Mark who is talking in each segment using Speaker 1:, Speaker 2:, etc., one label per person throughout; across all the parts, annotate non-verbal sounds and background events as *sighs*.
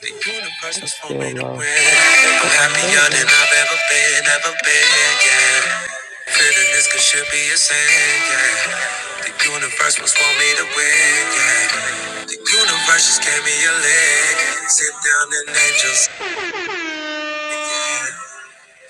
Speaker 1: The universe. I'm happier than I've ever been, ever been, yeah. Feeling this could should be a sin, yeah. The universe must want me to win, yeah. The universe just gave me a leg. Sit down and angels.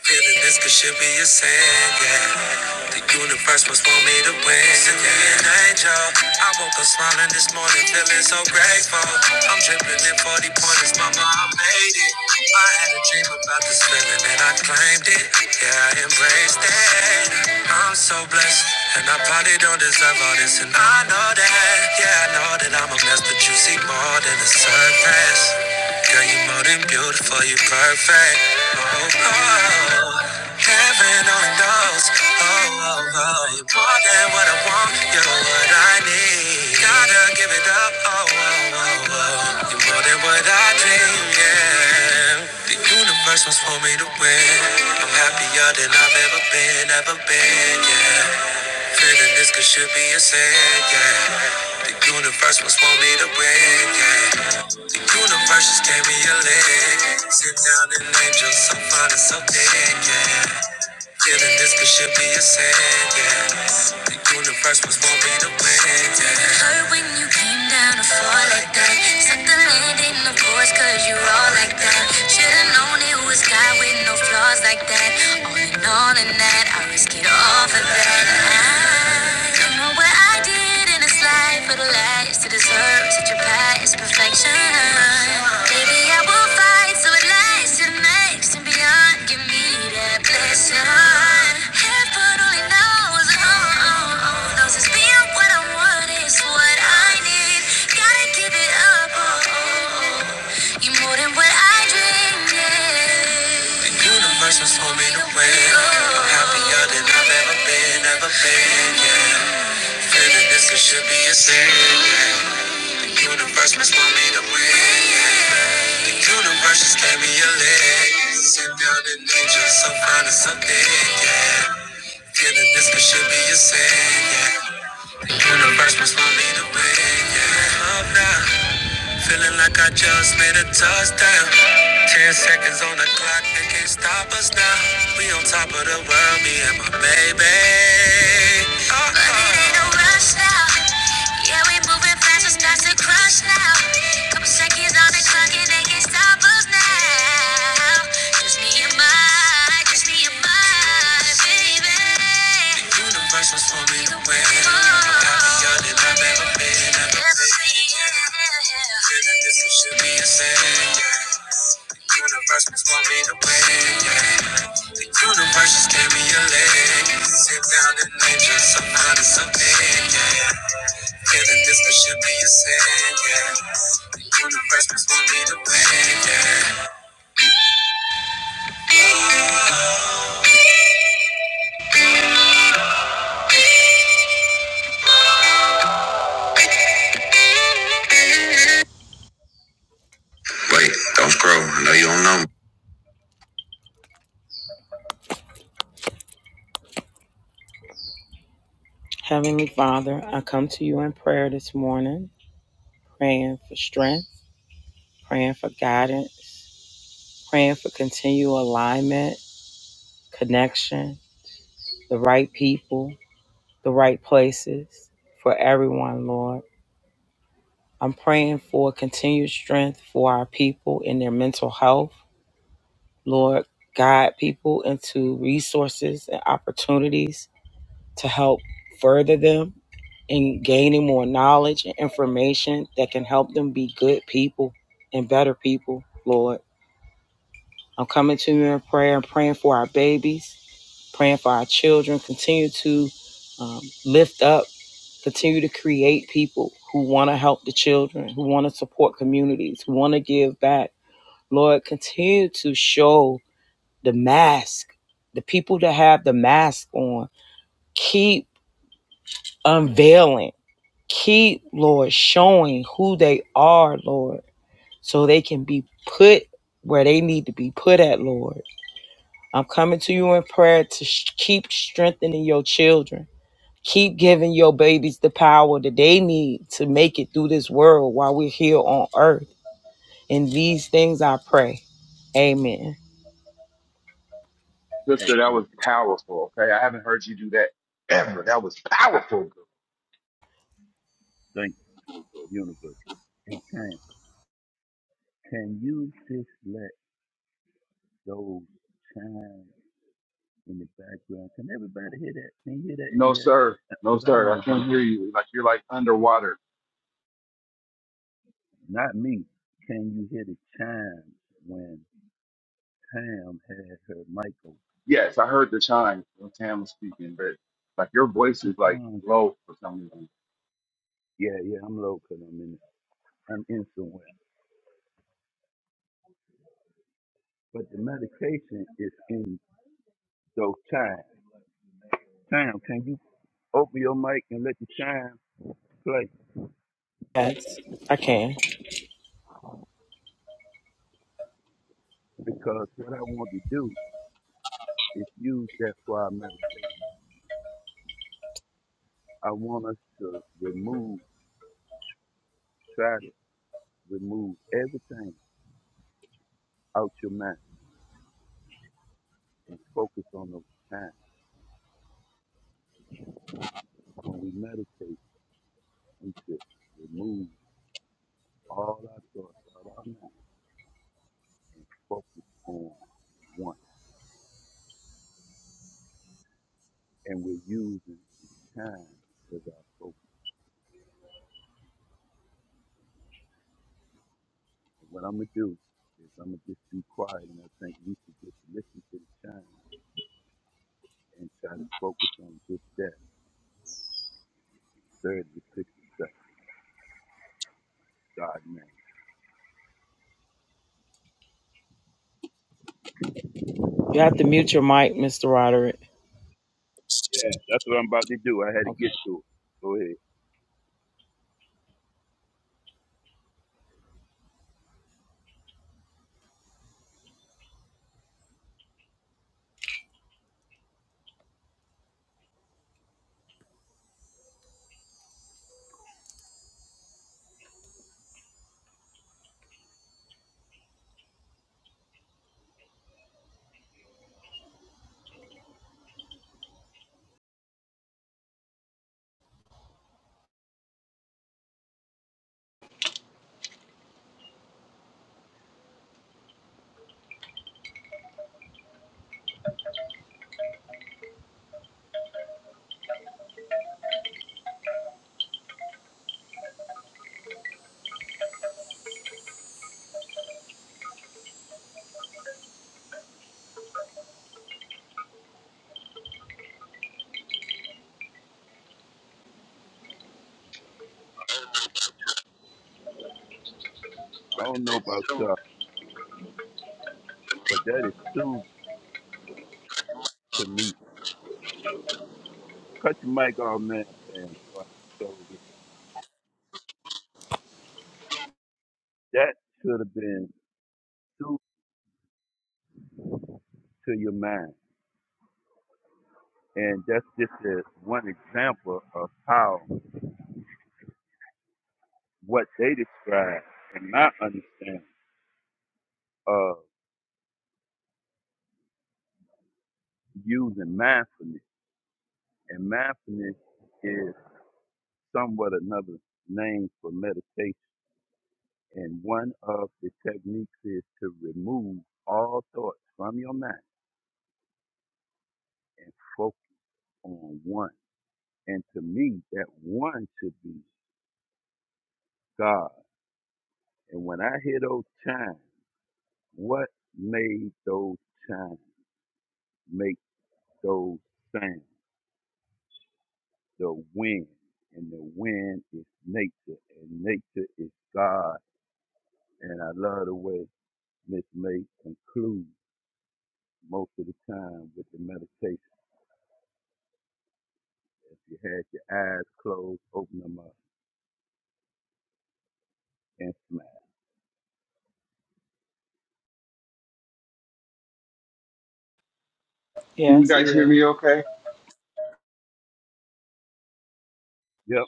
Speaker 1: Feeling this could should be a sin, yeah. The universe must want me to win, yeah. An angel. I woke up smiling this morning, feeling so grateful. I'm dripping in 40 pointers, mama, I made it. I had a dream about this feeling and I claimed it, yeah, I embraced it. I'm so blessed, and I probably don't deserve all this, and I know that, yeah, I know that I'm a mess, but you see more than the surface. Girl, you more than beautiful, you perfect. Oh, oh, oh. heaven only knows. Oh, oh, oh, you're more than what I want, you're what I need. Gotta give it up. Oh, oh, oh, oh, you're more than what I dream. Yeah, the universe was for me to win. I'm happier than I've ever been, ever been. Yeah, feeling this could should be a sin. Yeah, the universe was for me to win. Yeah. Universe just gave me a leg. Sit down and angel, so fine and so big, yeah. Feeling this could should be a sin, yeah. The universe was born me to win, yeah. It hurt when you came down to fall like that. Set the landing, of course, cause you all like that. Should've known it was God with no flaws like that. All in all, in that, I risk it all for that. I don't know what I did in this life for the last to deserve such a past perfection. Maybe I will fight so it lasts and makes and beyond. Give need a blessing. Heaven only knows. Oh, oh, oh. Knows it's being what I want is what I need. Gotta give it up. Oh, oh, oh. You're more than what I dreamed. Yeah. The universe was for me to win. I'm happier than I've ever been, ever been. Yeah. Feeling this it should be a sin. The universe must want me to win. Universe just gave me a leg. Sit down and angel, so fine and so big, yeah. Feeling this could should be a sin, yeah. Universe must want me the way yeah. Up now, feeling like I just made a touchdown. Ten seconds on the clock, they can't stop us now. We on top of the world, me and my baby. Uh-oh. But it ain't no rush now. Yeah, we moving fast, it's past the crush now. Couple seconds on the clock, and they can't stop us now. Just me and. My, Universe was for to win. I'm happier than I've ever been. Ever been. Feeling this it should be a sin. The universe was for me to win. Yeah. The universe just gave me a leg. Sit down and nature some kind of something. Yeah. Feeling this it should be a sin. Yeah. The universe was for me to win. Yeah. Wait, don't scroll. I know you don't know me.
Speaker 2: a,
Speaker 3: Sister, that
Speaker 2: a
Speaker 3: was powerful. Okay. I haven't heard you do that ever. That was powerful.
Speaker 2: thank you, universe. A, Tam, can you just let those chimes in the background? Can everybody hear that? Can you hear that?
Speaker 3: No,
Speaker 2: Yeah.
Speaker 3: sir. No,
Speaker 2: Because I
Speaker 3: sir.
Speaker 2: want
Speaker 3: I
Speaker 2: to do,
Speaker 3: can't hear you. Like you're like underwater.
Speaker 2: not me. Can you hear the chimes when Tam had her mic open?
Speaker 3: Yes, I heard the chime when Tam was speaking, but like your
Speaker 2: But
Speaker 3: voice
Speaker 2: the
Speaker 3: is like
Speaker 2: chimes,
Speaker 3: low for some reason.
Speaker 2: yeah, yeah, I'm low, because 'cause I'm in, I'm in somewhere. But the medication is in those chimes. Tam, can you open your mic and let the chimes play? Because what I want to do It's used, that's why I meditate. I want us to remove, try to remove everything out your mind and focus on those times. When we meditate, we should remove all our thoughts out of our mind and focus on one. And we're using the time as our focus. And what I'm going to do is I'm going to just be quiet and I think we should just listen to the chime and try to focus on just that 30 to 60 seconds. God, man. Yeah, that's what I'm about to do. I had to get to it. Go ahead. I don't know about y'all, but that is soothing to me. Cut your mic off man. fam. So I can close That should have been soothing to your mind. And that's just a, one example of how what they describe in my understanding of using mindfulness. And mindfulness is somewhat another name for meditation. And one of the techniques is to remove all thoughts from your mind and focus on one. And to me, that one should be God. And when I hear those chimes, what made those chimes make those sounds? The wind. And the wind is nature, and nature is God. And I love the way Miss May concludes most of the time with the meditation. If you had your eyes closed, open them up and
Speaker 3: Can you guys hear me okay?
Speaker 2: Yep.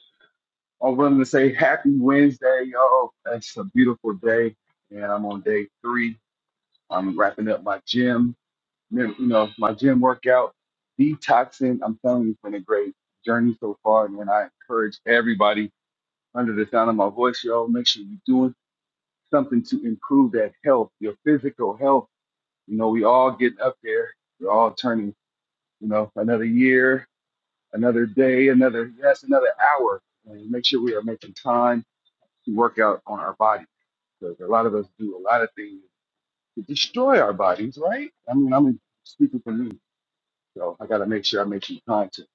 Speaker 3: I'm willing to say happy Wednesday, y'all. It's a beautiful day. And I'm on day three. I'm wrapping up my gym, mem- you know, my gym workout, detoxing. I'm telling you, it's been a great journey so far. And I encourage everybody under the sound of my voice, y'all. Make sure you're doing something to improve that health, your physical health. You know, we all getting up there. We're all turning, you know, another year, another day, another yes, another hour. And make sure we are making time to work out on our body because a lot of us do a lot of things to destroy our bodies, right? I mean, I'm speaking for me, so I got to make sure I make some time to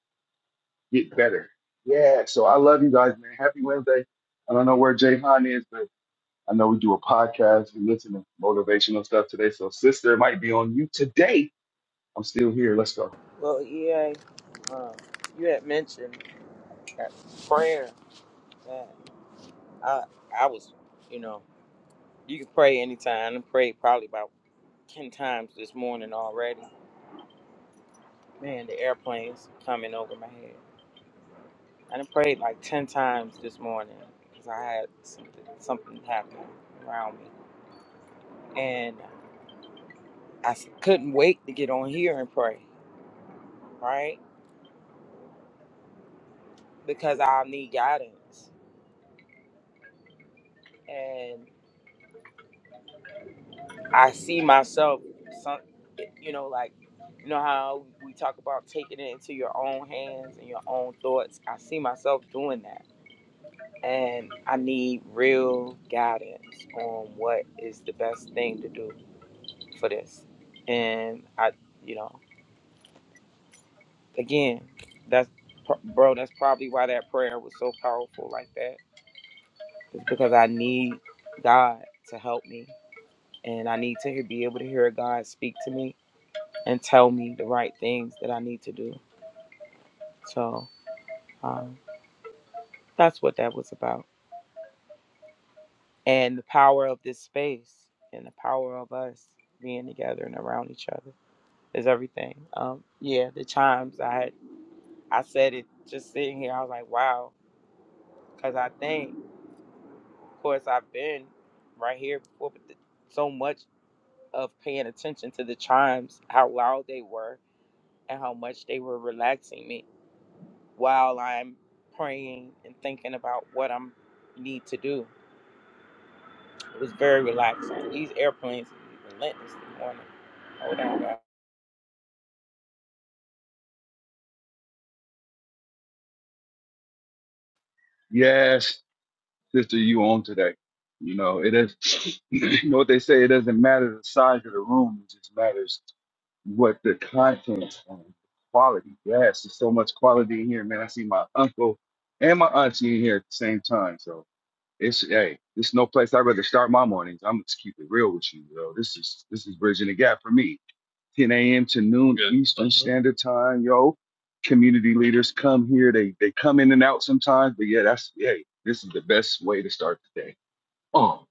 Speaker 3: get better. Yeah. So I love you guys, man. Happy Wednesday. I don't know where Jay Han is, but I know we do a podcast, we listen to motivational stuff today. So, sister, it might be on you today. I'm still here. Let's go. Yes, sister, you on today. You know, it is, *sniffs* you know what they say, it doesn't matter the size of the room, it just matters what the content and quality. Yes, there's so much quality in here, man. I see my uncle and my auntie in here at the same time. So it's hey, it's no place I'd rather start my mornings. I'm gonna just keep it real with you, though. This is this is bridging the gap for me. 10 a.m. to noon Good. Eastern Standard Time, yo. Community leaders come here. They they come in and out sometimes, but yeah, that's hey, this is the best way to start the day. Oh,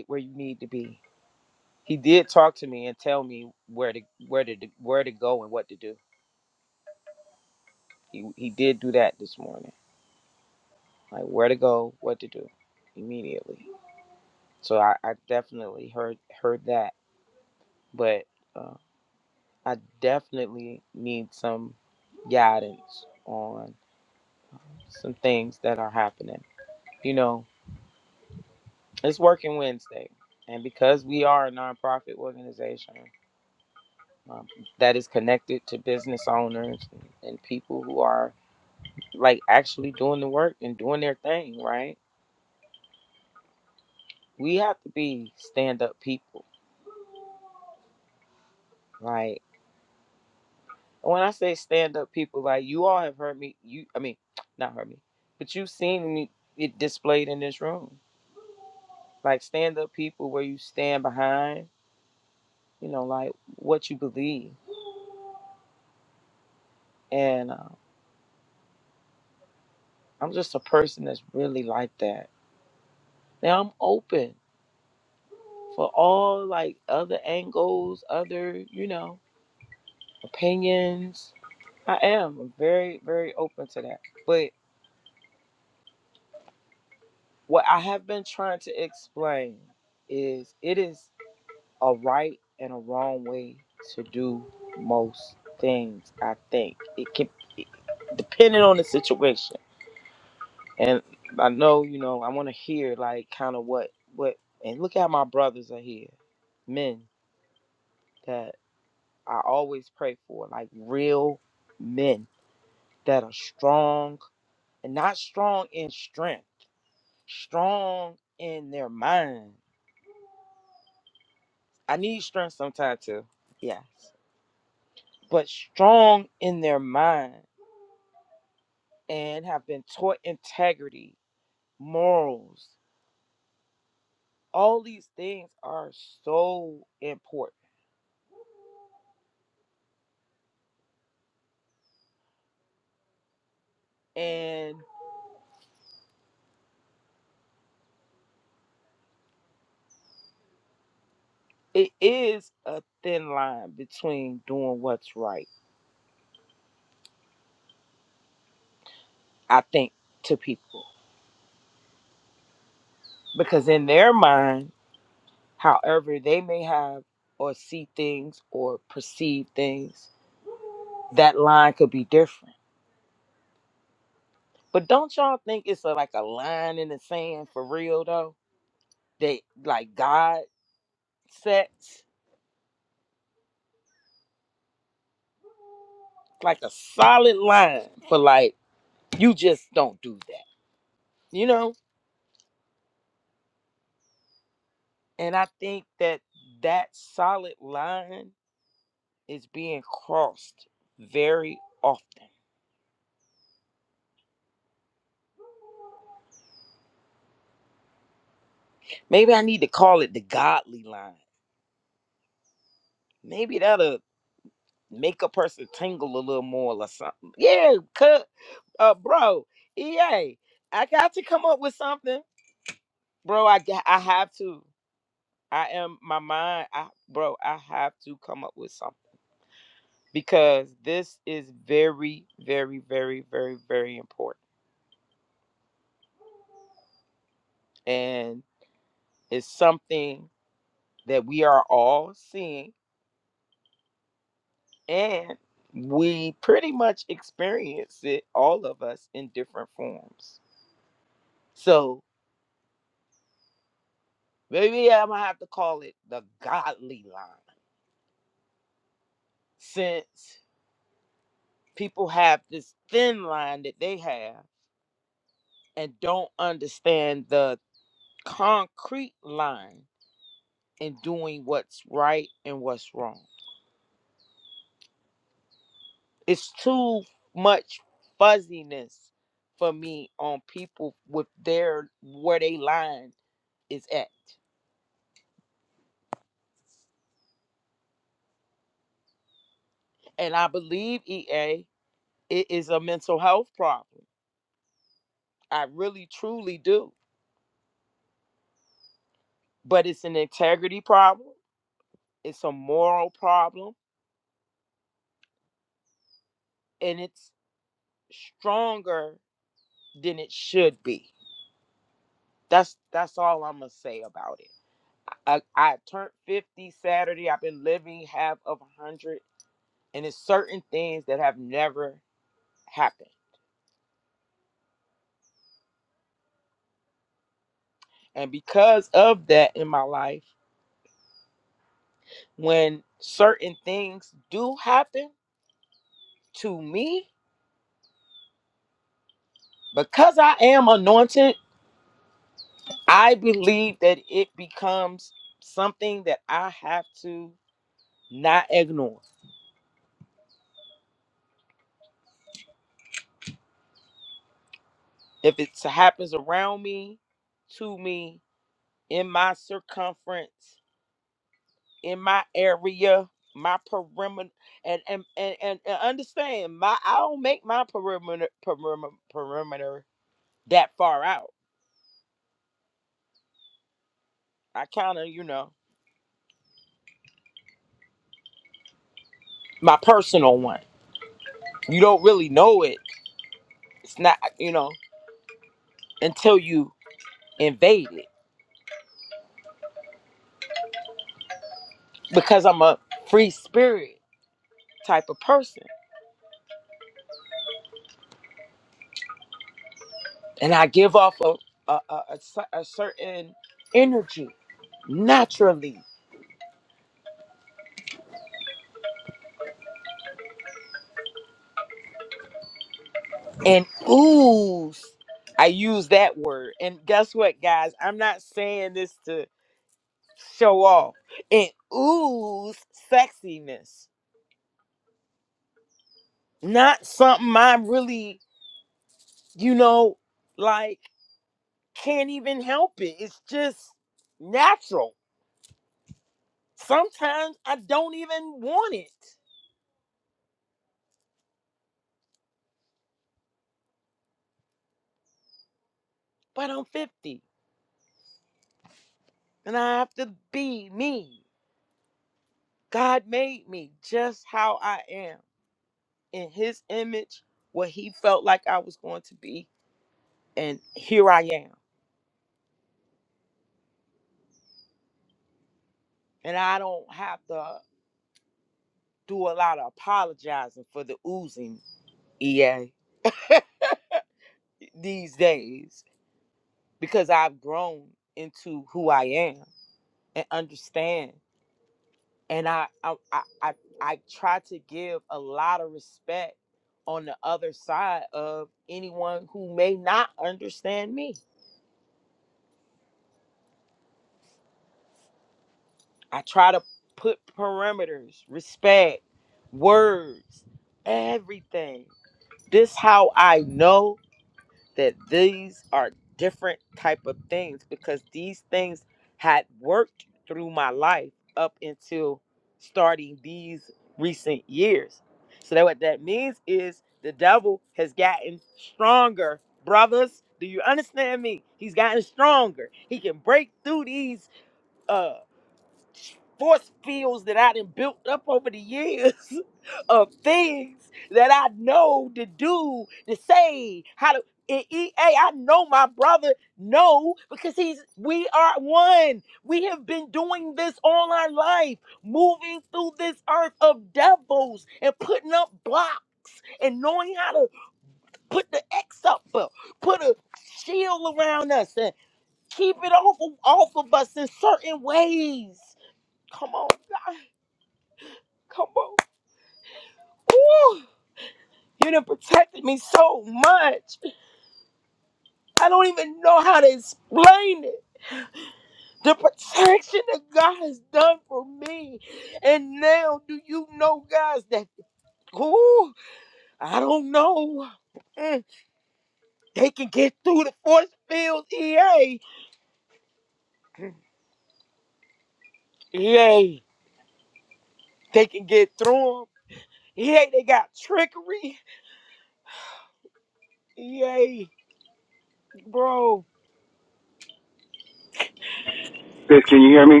Speaker 3: Biz, can you hear me?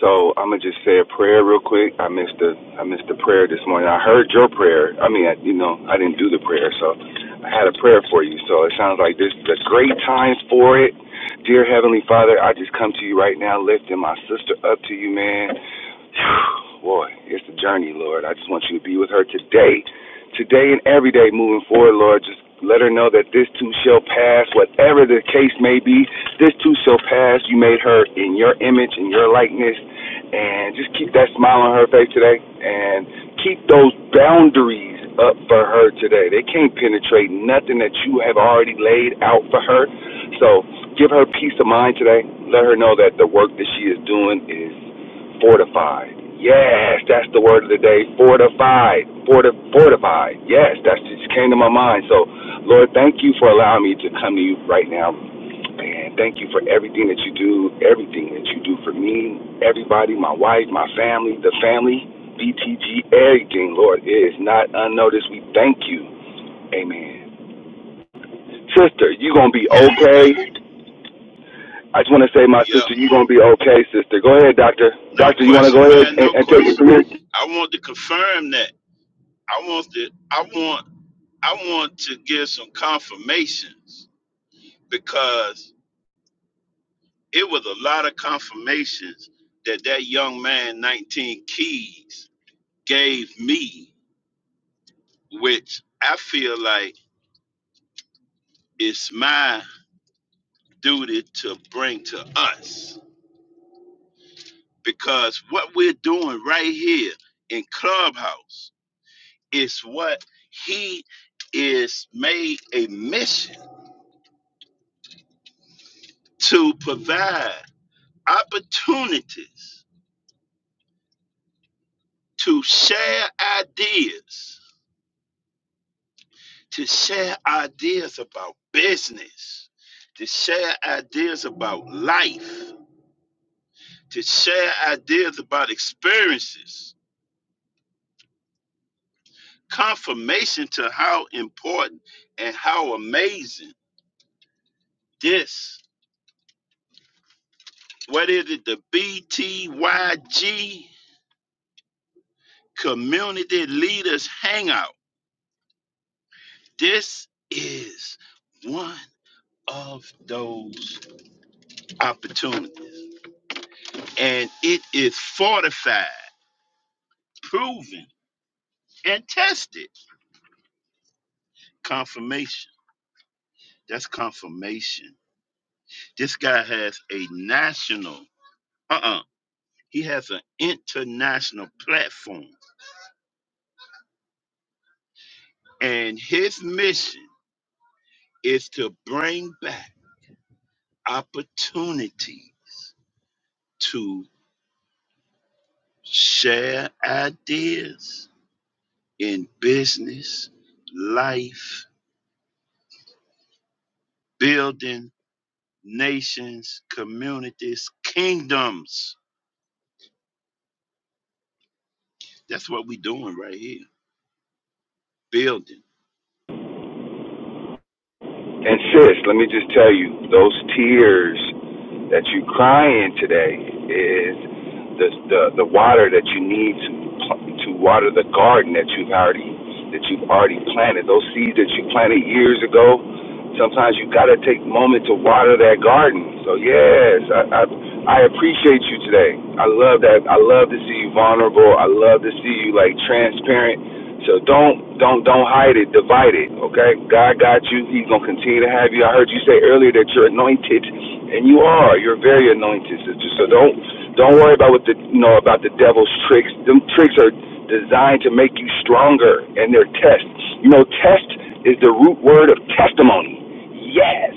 Speaker 3: So I'm gonna just say a prayer real quick. I missed the I missed the prayer this morning. I heard your prayer. I mean, I, you know, I didn't do the prayer, so I had a prayer for you. So it sounds like this is a great time for it. Dear Heavenly Father, I just come to you right now, lifting my sister up to you, man. *sighs* Boy, it's the journey, Lord. I just want you to be with her today, today and every day moving forward, Lord. Just let her know that this too shall pass, whatever the case may be. This too shall pass. You made her in your image, in your likeness, and just keep that smile on her face today, and keep those boundaries up for her today. They can't penetrate nothing that you have already laid out for her. So give her peace of mind today. Let her know that the work that she is doing is Fortified. Yes, that's the word of the day. Fortified. Forti- fortified. Yes, that's just came to my mind. So, Lord, thank you for allowing me to come to you right now. And thank you for everything that you do, everything that you do for me, everybody, my wife, my family, the family, BTG, everything, Lord, it is not unnoticed. We thank you. Amen. Sister, you going to be
Speaker 2: Yes,
Speaker 3: okay.
Speaker 2: thank
Speaker 3: I just want to say, my
Speaker 2: you. Yep.
Speaker 3: sister, you going to be okay, sister. Go ahead, doctor.
Speaker 2: No
Speaker 3: Doctor, you want to go
Speaker 2: question,
Speaker 3: ahead
Speaker 2: man.
Speaker 3: and,
Speaker 2: No
Speaker 3: and take it
Speaker 2: question.
Speaker 3: from here?
Speaker 2: I want to confirm that. I want to I want I want to give some confirmations because it was a lot of confirmations that that young man 19 keys gave me which I feel like it's my duty to bring to us because what we're doing right here in Clubhouse Is what he is made a mission to provide opportunities to share ideas, to share ideas about business, to share ideas about life, to share ideas about experiences, confirmation to how important and how amazing this. What is it? The BTYG community leaders hangout. This is one of those opportunities, and it is fortified, proven, and tested. Confirmation. That's confirmation. This guy has a national, uh uh he has an international platform, and his mission is to bring back opportunities to share ideas in business, life, building nations, communities, kingdoms. That's what we're doing right here, building.
Speaker 3: And sis, let me just tell you, those tears that you cry in today is the the, the water that you need to to water the garden that you've already that you've already planted. Those seeds that you planted years ago, sometimes you got to take a moment to water that garden. So yes, I, I I appreciate you today. I love that. I love to see you vulnerable. I love to see you like transparent. So don't don't don't hide it. Divide it. Okay. God got you. He's gonna continue to have you. I heard you say earlier that you're anointed and you are. You're very anointed, sister. So don't don't worry about what the you know about the devil's tricks. Them tricks are designed to make you stronger and they're tests. You know, test is the root word of testimony. Yes.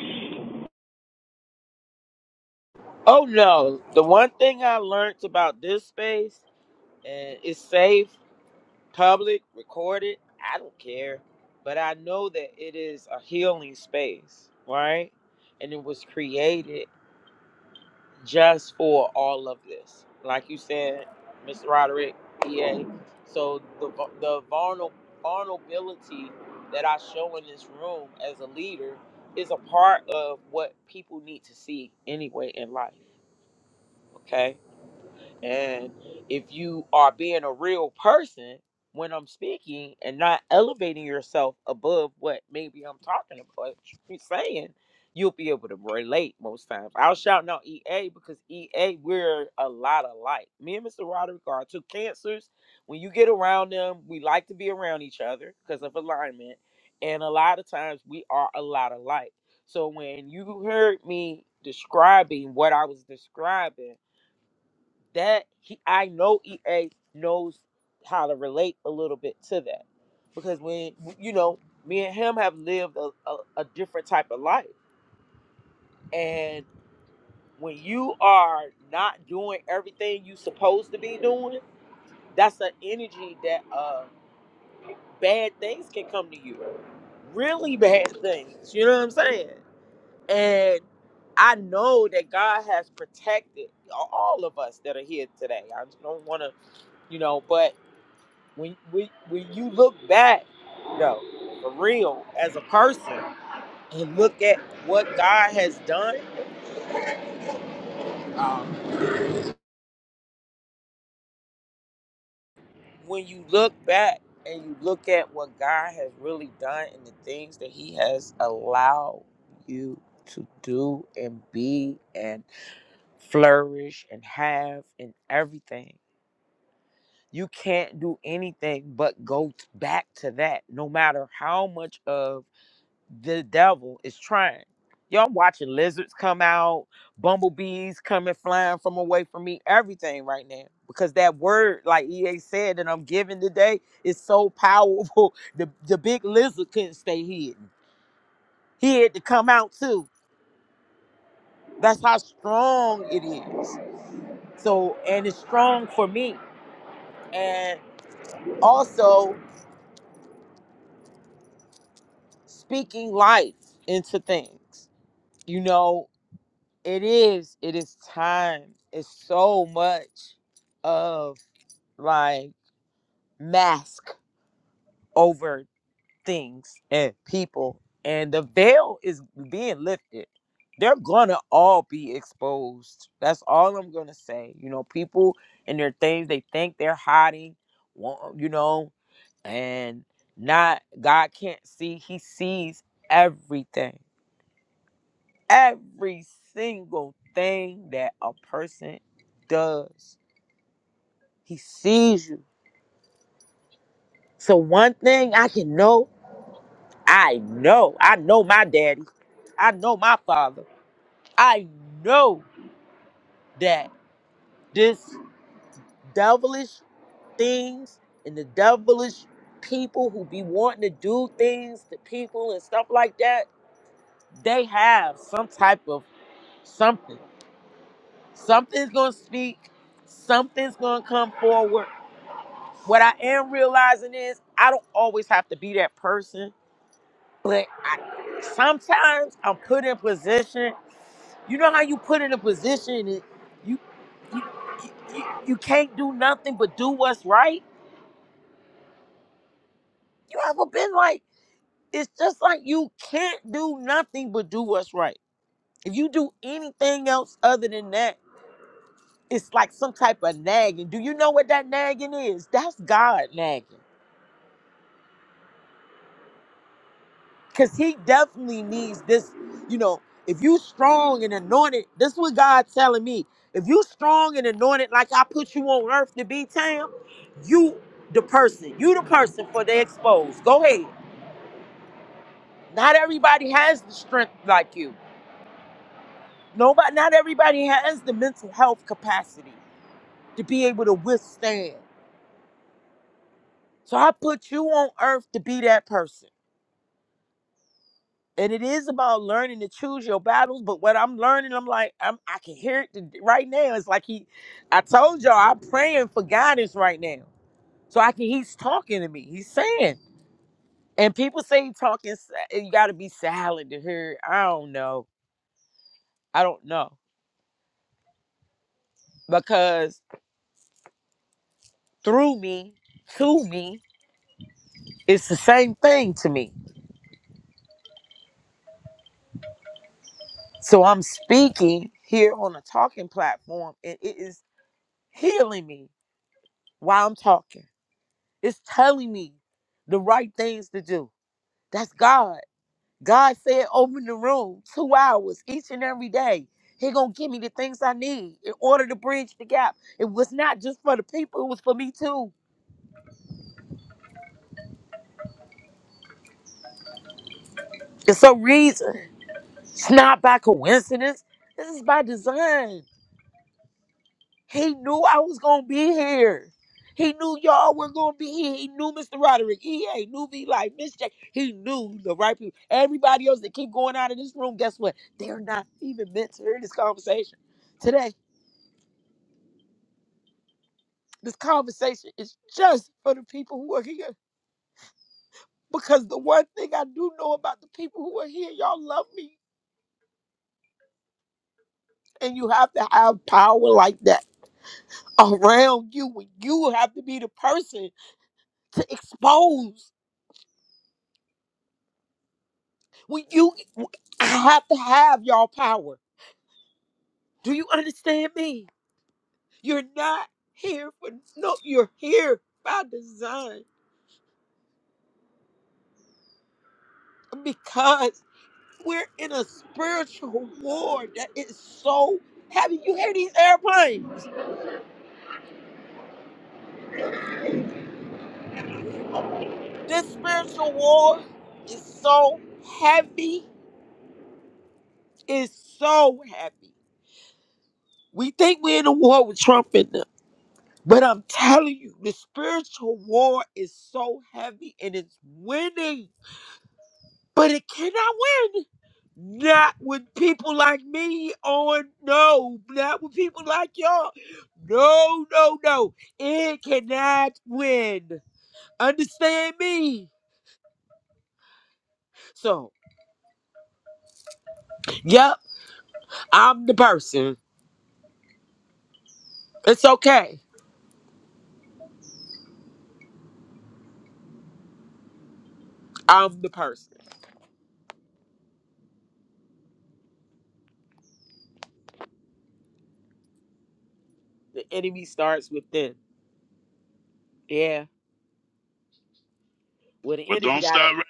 Speaker 2: But don't start right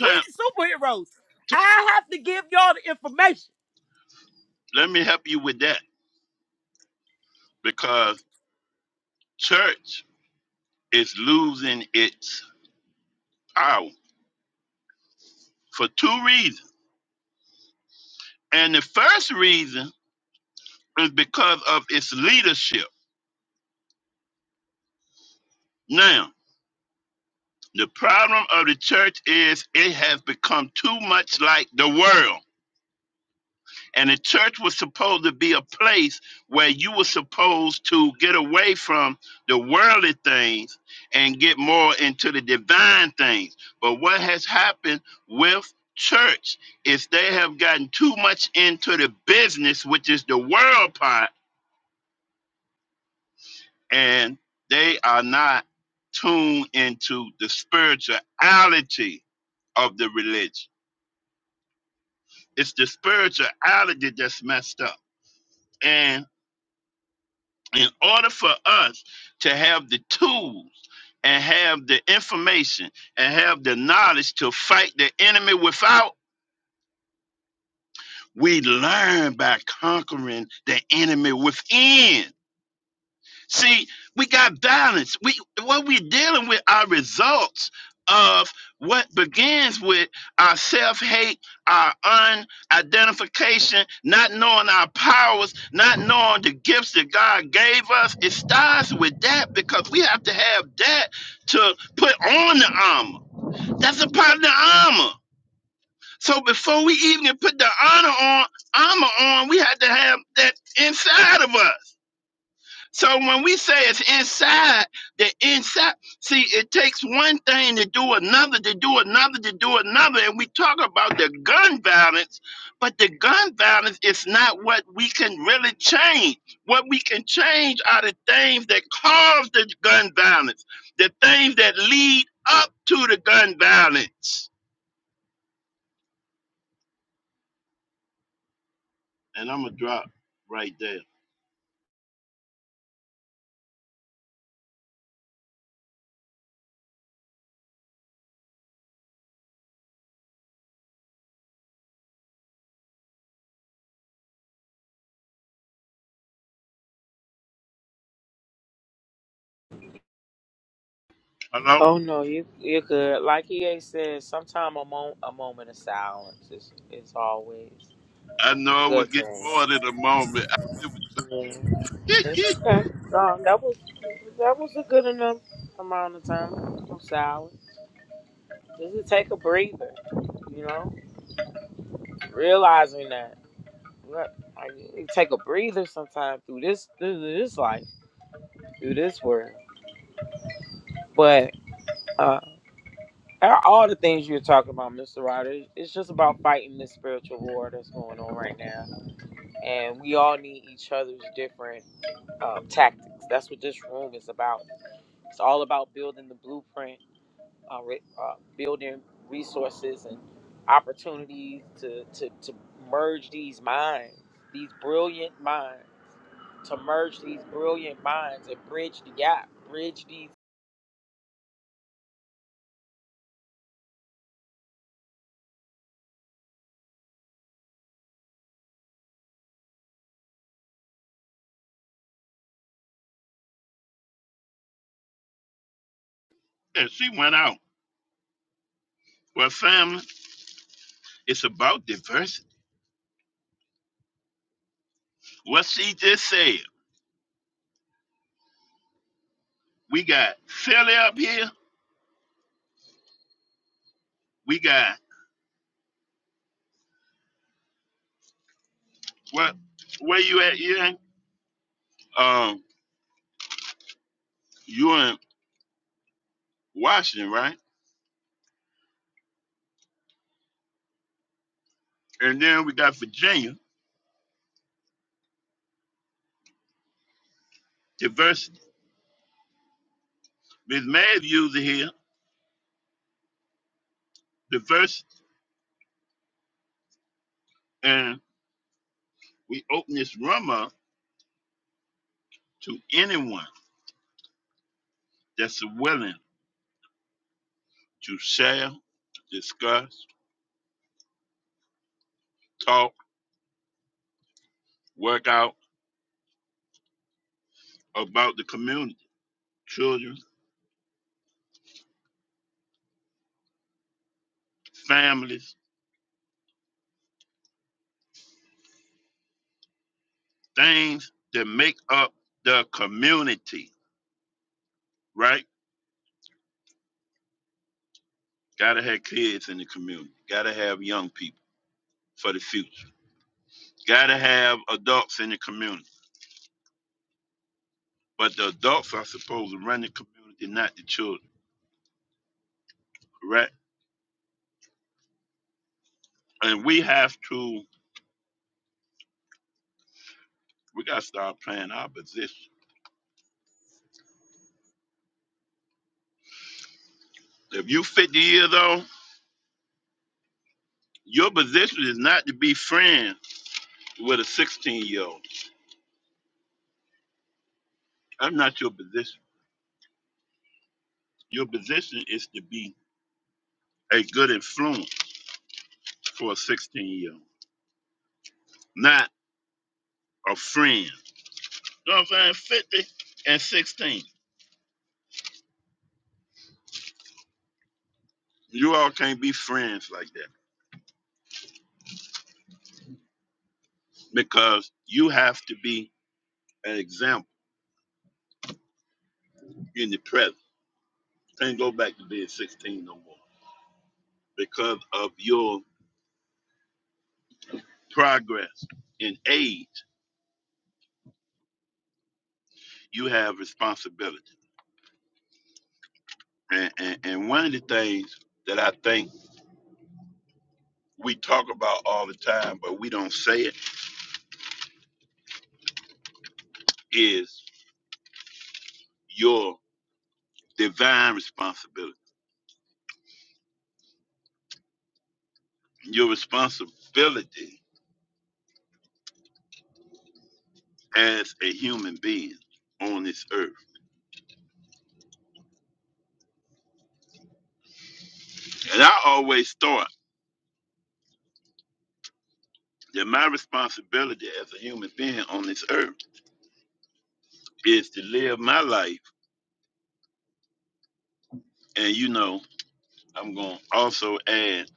Speaker 2: now. Let me help you with that because church is losing its power for two reasons. And the first reason is because of its leadership. Now, the problem of the church is it has become too much like the world And the church was supposed to be a place where you were supposed to get away from the worldly things and get more into the divine things. But what has happened with church is they have gotten too much into the business, which is the world part, and they are not tuned into the spirituality of the religion. It's the spirituality that's messed up. and. in order for us to have the tools and have the information and have the knowledge to fight the enemy without, we learn by conquering the enemy within. See, we got balance. We what we're dealing with are results of what begins with our self-hate, our unidentification, not knowing our powers, not knowing the gifts that God gave us. It starts with that because we have to have that to put on the armor. That's a part of the armor. So before we even put the honor on, armor on, we had to have that inside of us. So when we say it's inside, the inside, see, it takes one thing to do another, to do another, to do another. And we talk about the gun violence, but the gun violence is not what we can really change. What we can change are the things that cause the gun violence, the things that lead up to the gun violence. And I'm going to drop right there. Hello? I know I was getting more than a moment. *laughs* and she went out. Well, family, it's about diversity. What she just said, we got Philly up here. We got what? Where you at? You in? Um, you in Washington, right? And then we got Virginia diversity. Miss Mav user here diversity, and we open this room up to anyone that's willing to share, discuss, talk, work out about the community, children, families, things that make up the community, right? Gotta have kids in the community, gotta have young people for the future, gotta have adults in the community. But the adults are supposed to run the community, not the children, correct? And we have to, we gotta start playing our position. If you 50 years old, your position is not to be friends with a 16 year old. I'm not your position. Your position is to be a good influence for a 16 year old. not. a friend. You know what I'm saying? 50 and 16. You all can't be friends like that because you have to be an example in the present. Can't go back to being 16 no more because of your progress in age. You have responsibility, and, and and one of the things that I think we talk about all the time, but we don't say it, is your divine responsibility. Your responsibility as a human being on this earth. And I always thought that my responsibility as a human being on this earth is to live my life. And you know, I'm going to also add,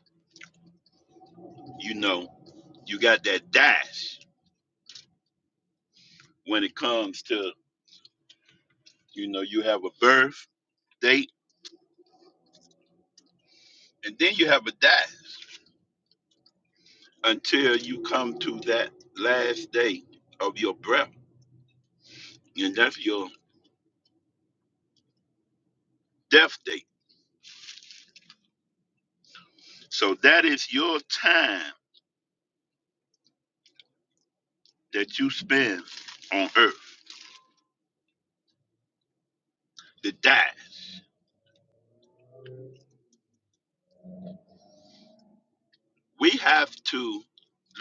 Speaker 2: you know, you got that dash when it comes to, you know, you have a birth date and then you have a dash until you come to that last day of your breath. And that's your death date. So that is your time that you spend on earth. the dash. We have to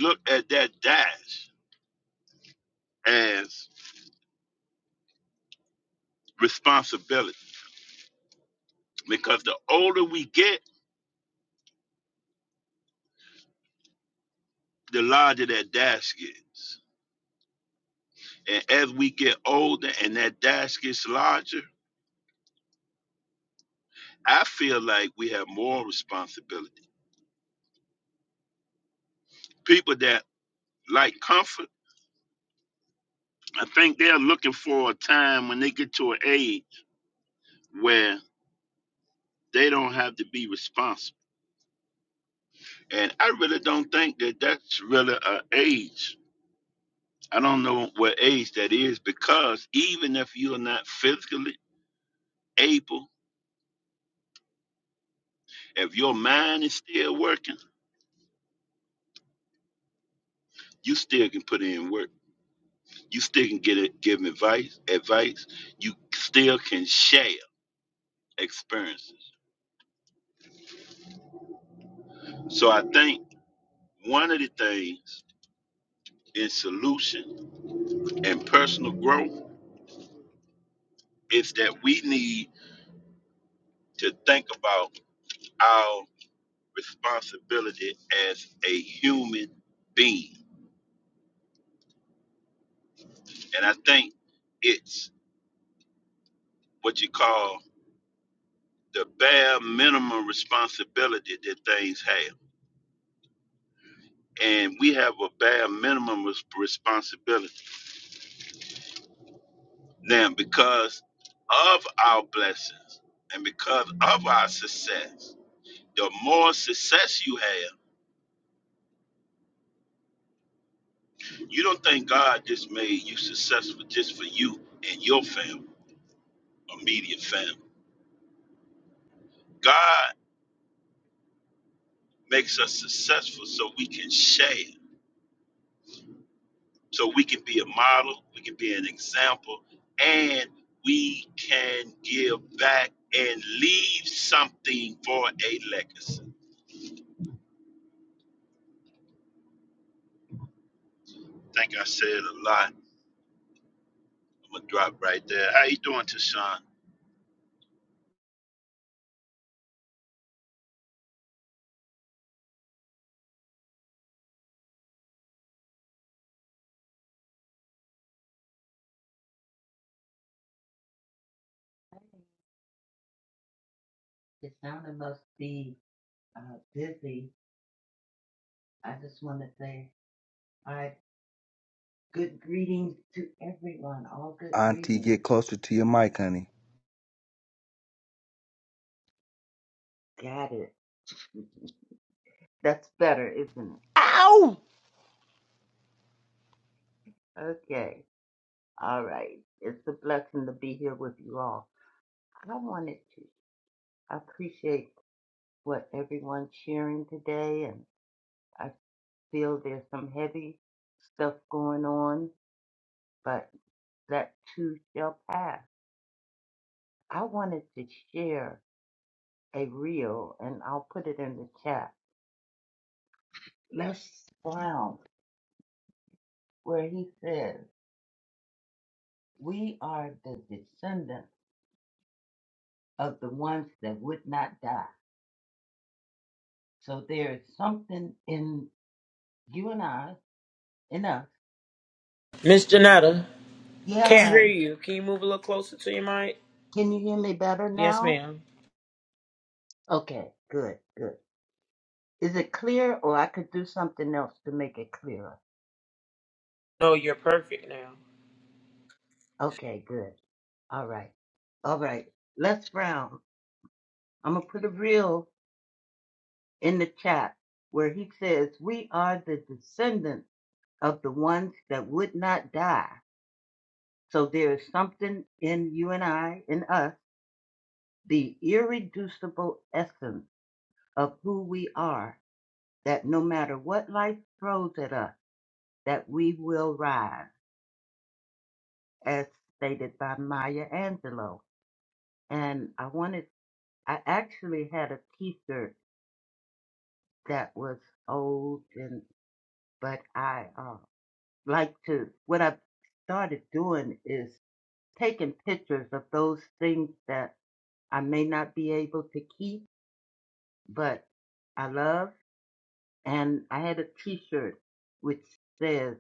Speaker 2: look at that dash as responsibility because the older we get, the larger that dash gets. And as we get older and that dash gets larger, I feel like we have more responsibility. People that like comfort, I think they're looking for a time when they get to an age where they don't have to be responsible. And I really don't think that that's really an age I don't know what age that is because even if you're not physically able, if your mind is still working, you still can put in work. You still can get it, give advice, advice. You still can share experiences. So I think one of the things in solution and personal growth is that we need to think about our responsibility as a human being. And I think it's what you call the bare minimum responsibility that things have. And we have a bare minimum res- responsibility. Now, because of our blessings and because of our success, the more success you have, you don't think God just made you successful just for you and your family, immediate family. God makes us successful so we can share. So we can be a model, we can be an example, and we can give back and leave something for a legacy. think I said a lot. I'm gonna drop right there. How you doing, Tashawn?
Speaker 4: The founder must be uh, busy. I just want to say, all right, good greetings to everyone. All good
Speaker 3: Auntie,
Speaker 4: greetings.
Speaker 3: get closer to your mic, honey.
Speaker 4: Got it. *laughs* That's better, isn't it?
Speaker 3: Ow!
Speaker 4: Okay. All right. It's a blessing to be here with you all. I wanted to appreciate what everyone's sharing today, and I feel there's some heavy stuff going on, but that too shall pass. I wanted to share. a reel, and I'll put it in the chat. Les Brown, where he says, We are the descendants of the ones that would not die. So there is something in you and I, in us. Yeah, can you hear me better now? Okay, good, good. Is it clear, or I could do something else to make it clearer? Okay, good. All right, all right. Les Brown, I'm going to put a reel in the chat where he says, We are the descendants of the ones that would not die. So there is something in you and I, in us, the irreducible essence of who we are, that no matter what life throws at us, that we will rise, as stated by Maya Angelou. And I wanted, I actually had a t shirt that was old and, but I, uh, like to what I've started doing is taking pictures of those things that I may not be able to keep, but I love. And I had a T-shirt which says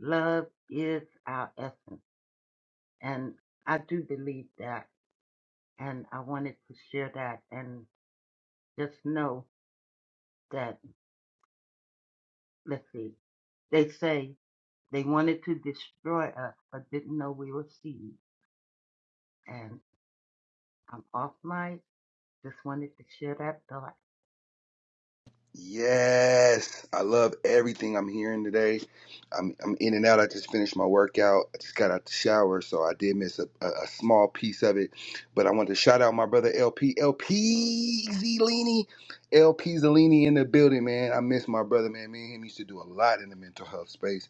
Speaker 4: "Love is our essence," and I do believe that. And I wanted to share that, and just know that. Let's see. They say they wanted to destroy us, but didn't know we were seeds. And I'm off my. Just wanted to share that thought.
Speaker 3: Yes, I love everything I'm hearing today. I'm I'm in and out. I just finished my workout. I just got out the shower, so I did miss a, a, a small piece of it. But I want to shout out my brother LP LP Zelini, LP Zelini in the building, man. I miss my brother, man. Me and him used to do a lot in the mental health space,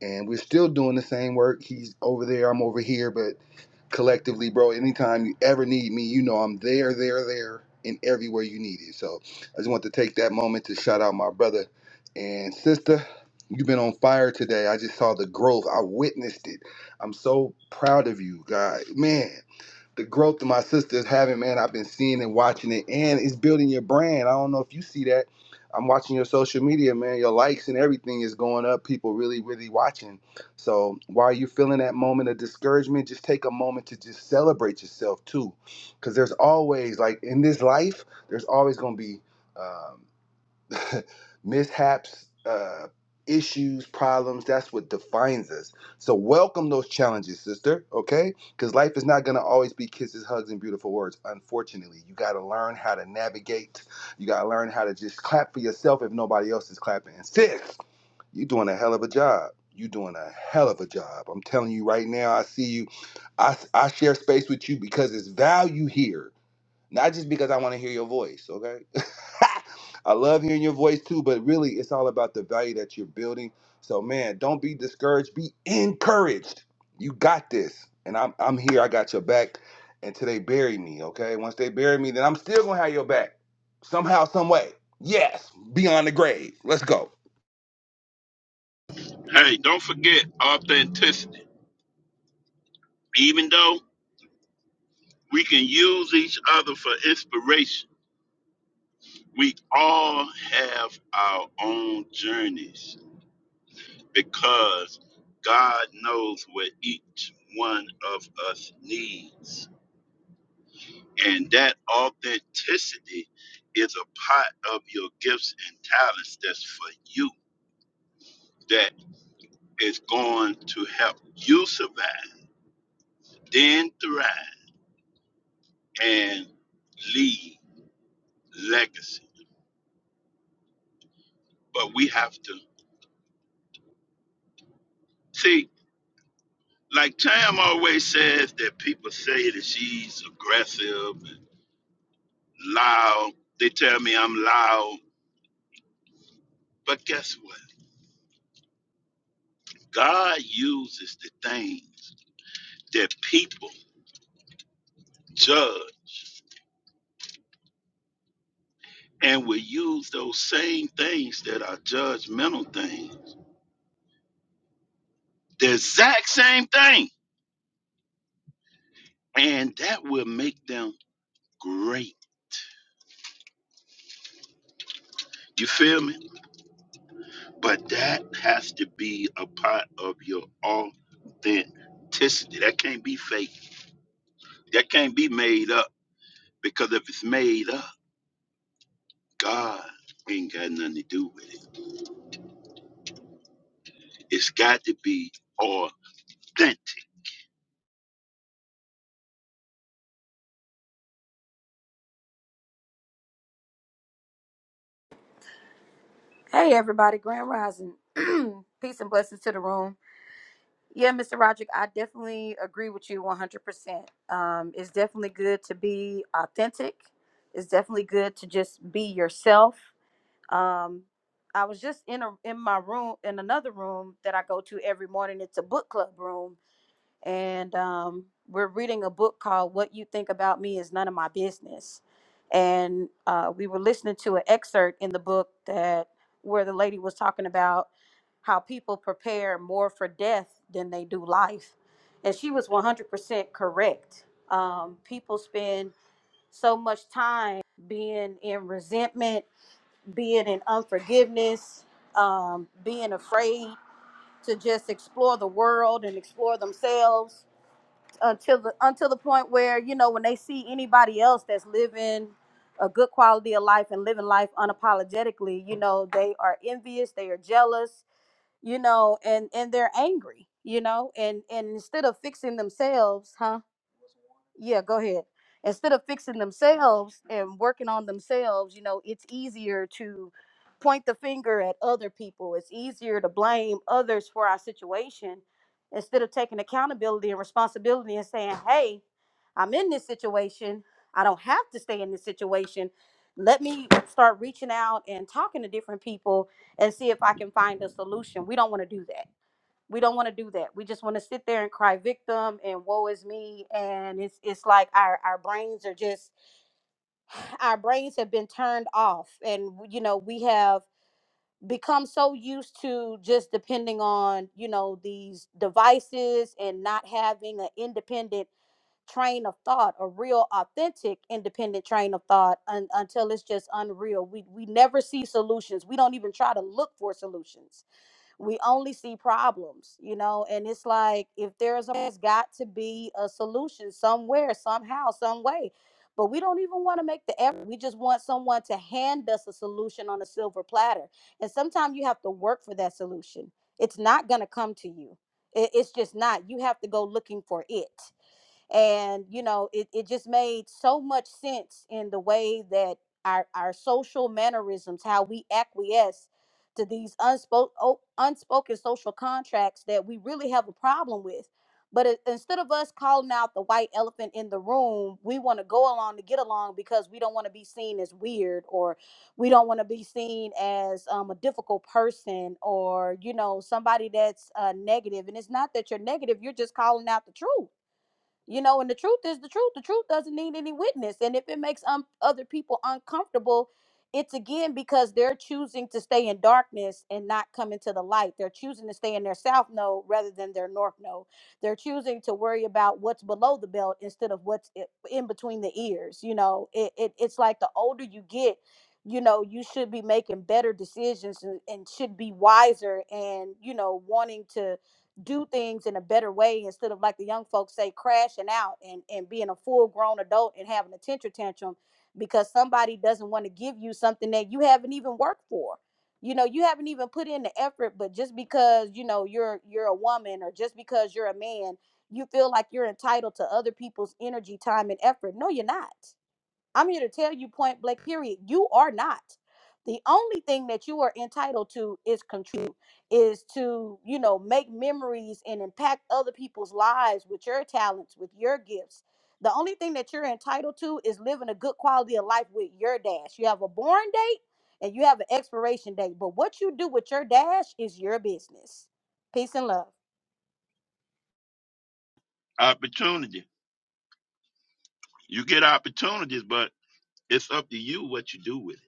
Speaker 3: and we're still doing the same work. He's over there, I'm over here, but collectively, bro. Anytime you ever need me, you know I'm there, there, there, and everywhere you need it. So I just want to take that moment to shout out my brother and sister. You've been on fire today. I just saw the growth. I witnessed it. I'm so proud of you, guys. Man, the growth that my sister is having, man, I've been seeing and watching it, and it's building your brand. I don't know if you see that. I'm watching your social media, man. Your likes and everything is going up. People really, really watching. So while you're feeling that moment of discouragement, just take a moment to just celebrate yourself too, because there's always like in this life, there's always gonna be. um, *laughs* mishaps, uh, issues, problems. That's what defines us. So welcome those challenges, sister. Okay, because life is not gonna always be kisses, hugs, and beautiful words. Unfortunately, you gotta learn how to navigate. You gotta learn how to just clap for yourself if nobody else is clapping. And sis, you doing a hell of a job. You are doing a hell of a job. I'm telling you right now. I see you. I I share space with you because it's value here not just because I want to hear your voice, okay? *laughs* I love hearing your voice too, but really it's all about the value that you're building. So man, don't be discouraged, be encouraged. You got this. And I'm I'm here, I got your back. Until they bury me, okay? Once they bury me, then I'm still gonna have your back. Somehow, some way. Yes, beyond the grave. Let's go.
Speaker 2: Hey, don't forget authenticity. Even though we can use each other for inspiration, we all have our own journeys because God knows what each one of us needs. And that authenticity is a part of your gifts and talents that's for you that is going to help you survive, then thrive, and leave legacy. But we have to see, like Tam always says, that people say that she's aggressive and loud. They tell me I'm loud. But guess what? God uses the things that people judge and would use those same things that are judgmental things, the exact same thing, and that will make them great. You feel me? But that has to be a part of your authenticity. That can't be fake. That can't be made up because if it's made up, God ain't got nothing to do with it. It's got to be authentic.
Speaker 5: Hey everybody, Grand Rising. *clears throat* Peace and blessings to the room. Yeah, Mr. Roderick, I definitely agree with you 100%. Um, it's definitely good to be authentic. It's definitely good to just be yourself. Um, I was just in a in my room in another room that I go to every morning. It's a book club room, and um, we're reading a book called What You Think About Me Is None of My Business. And uh, we were listening to an excerpt in the book that where the lady was talking about how people prepare more for death than they do life. And she was 100% correct. Um, people spend so much time being in resentment, being in unforgiveness, um, being afraid to just explore the world and explore themselves until the until the point where you know when they see anybody else that's living a good quality of life and living life unapologetically you know they are envious they are jealous you know and and they're angry you know and and instead of fixing themselves yeah go ahead instead of fixing themselves and working on themselves you know it's easier to point the finger at other people it's easier to blame others for our situation instead of taking accountability and responsibility and saying hey i'm in this situation i don't have to stay in this situation let me start reaching out and talking to different people and see if i can find a solution we don't want to do that we don't want to do that. We just want to sit there and cry victim and woe is me. And it's it's like our our brains are just *sighs* our brains have been turned off, and you know we have become so used to just depending on you know these devices and not having an independent train of thought a real authentic independent train of thought un- until it's just unreal we we never see solutions we don't even try to look for solutions we only see problems, you know, and it's like if there's a there's got to be a solution somewhere, somehow, some way. But we don't even want to make the effort. We just want someone to hand us a solution on a silver platter. And sometimes you have to work for that solution. It's not going to come to you. It- It's just not. You have to go looking for it and you know it, it just made so much sense in the way that our our social mannerisms how we acquiesce to these unspoken unspoken social contracts that we really have a problem with but i- instead of us calling out the white elephant in the room we want to go along to get along because we don't want to be seen as weird or we don't want to be seen as um, a difficult person or you know somebody that's uh, negative and it's not that you're negative you're just calling out the truth you know, and the truth is the truth. The truth doesn't need any witness. And if it makes um, other people uncomfortable, it's again because they're choosing to stay in darkness and not come into the light. They're choosing to stay in their south node rather than their north node. They're choosing to worry about what's below the belt instead of what's i- in between the ears. You know, it, it it's like the older you get, you know, you should be making better decisions and, and should be wiser and, you know, wanting to do things in a better way instead of like the young folks say crashing out and and being a full grown adult and having a tantrum tantrum because somebody doesn't want to give you something that you haven't even worked for you know you haven't even put in the effort but just because you know you're you're a woman or just because you're a man you feel like you're entitled to other people's energy time and effort no you're not I'm here to tell you point blank, period. You are not. The only thing that you are entitled to is contribute, is to, you know, make memories and impact other people's lives with your talents, with your gifts. The only thing that you're entitled to is living a good quality of life with your dash. You have a born date and you have an expiration date, but what you do with your dash is your business. Peace and love.
Speaker 2: Opportunity. You get opportunities, but it's up to you what you do with it.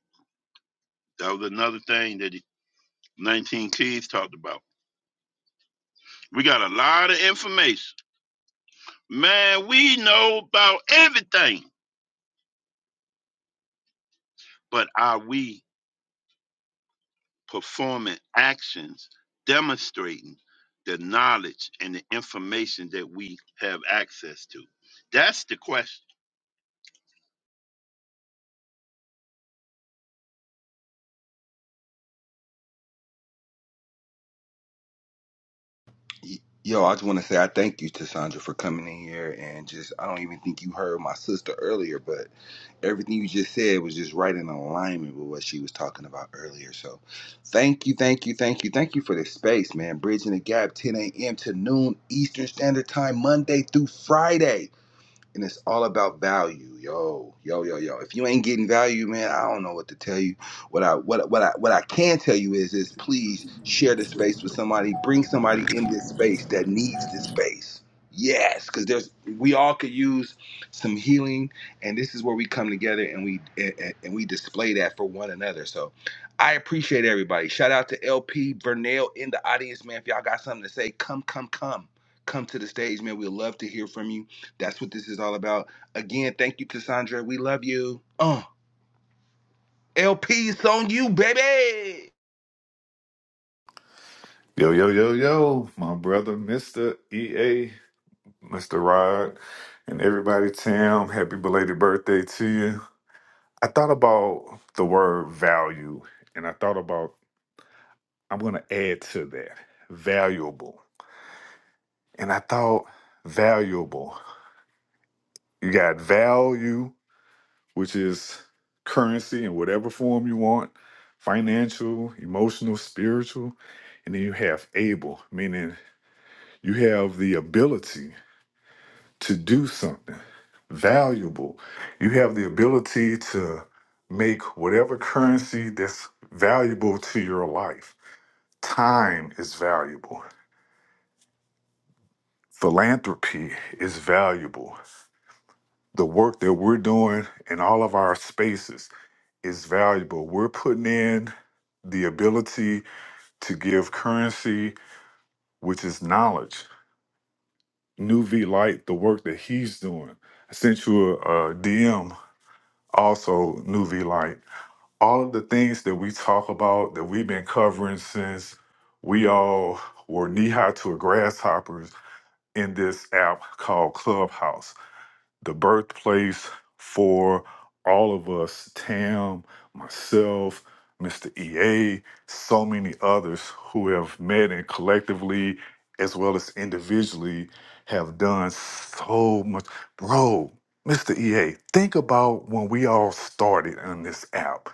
Speaker 2: That was another thing that he 19 Keys talked about. We got a lot of information. Man, we know about everything, but are we performing actions demonstrating the knowledge and the information that we have access to? That's the question.
Speaker 3: Y- Yo, I just want to say I thank you to Sandra for coming in here and just I don't even think you heard my sister earlier, but everything you just said was just right in alignment with what she was talking about earlier. So thank you, thank you, thank you, thank you for this space, man. Bridging the gap, 10 a.m. to noon Eastern Standard Time, Monday through Friday and it's all about value, yo, yo, yo, yo. If you ain't getting value, man, I don't know what to tell you. What I what what I what I can tell you is is please share the space with somebody. Bring somebody in this space that needs this space. Yes, because there's we all could use some healing, and this is where we come together and we and, and we display that for one another. So I appreciate everybody. Shout out to LP Vernell in the audience, man. If y'all got something to say, come, come, come. Come to the stage, man. We'd love to hear from you that's what this is all about. Again, thank you, Cassandra. We love you. Uh, Oh, LP's on you, baby.
Speaker 6: Yo, yo, yo, yo, my brother, Mr. EA, Mr. Rod, and everybody, Tam, happy belated birthday to you. I thought about the word value, and I thought about, I'm going to add to that valuable. And I thought, valuable. You got value, which is currency in whatever form you want financial, emotional, spiritual. And then you have able, meaning you have the ability to do something valuable. You have the ability to make whatever currency that's valuable to your life. Time is valuable. Philanthropy is valuable. The work that we're doing in all of our spaces is valuable. We're putting in the ability to give currency, which is knowledge. New V Light, the work that he's doing. I sent you a, DM, also New V Light all of the things that we talk about that we've been covering since we all were knee high to a grasshoppers in this app called Clubhouse the birthplace for all of us Tam, myself, Mr. EA, so many others who have met and collectively as well as individually have done so much. Bro, Mr. EA, think about when we all started on this app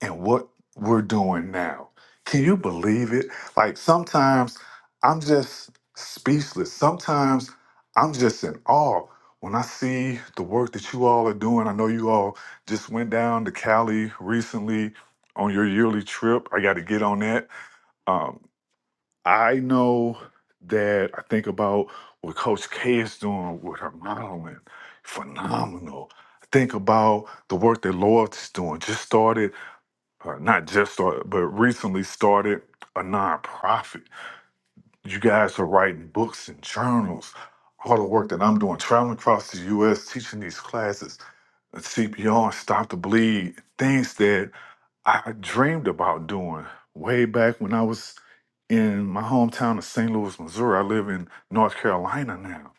Speaker 6: and what we're doing now. Can you believe it? Like sometimes I'm just speechless. Sometimes I'm just in awe when I see the work that you all are doing, I know you all just went down to Cali recently on your yearly trip. I got to get on that. Um, I know that I think about what Coach K is doing with her modeling, phenomenal. I think about the work that Loyalty's doing. Just started, uh, not just started, but recently started a nonprofit. You guys are writing books and journals all the work that I'm doing, traveling across the US, teaching these classes. CPR, Stop the Bleed, things that I dreamed about doing way back when I was in my hometown of St. Louis, Missouri. I live in North Carolina now.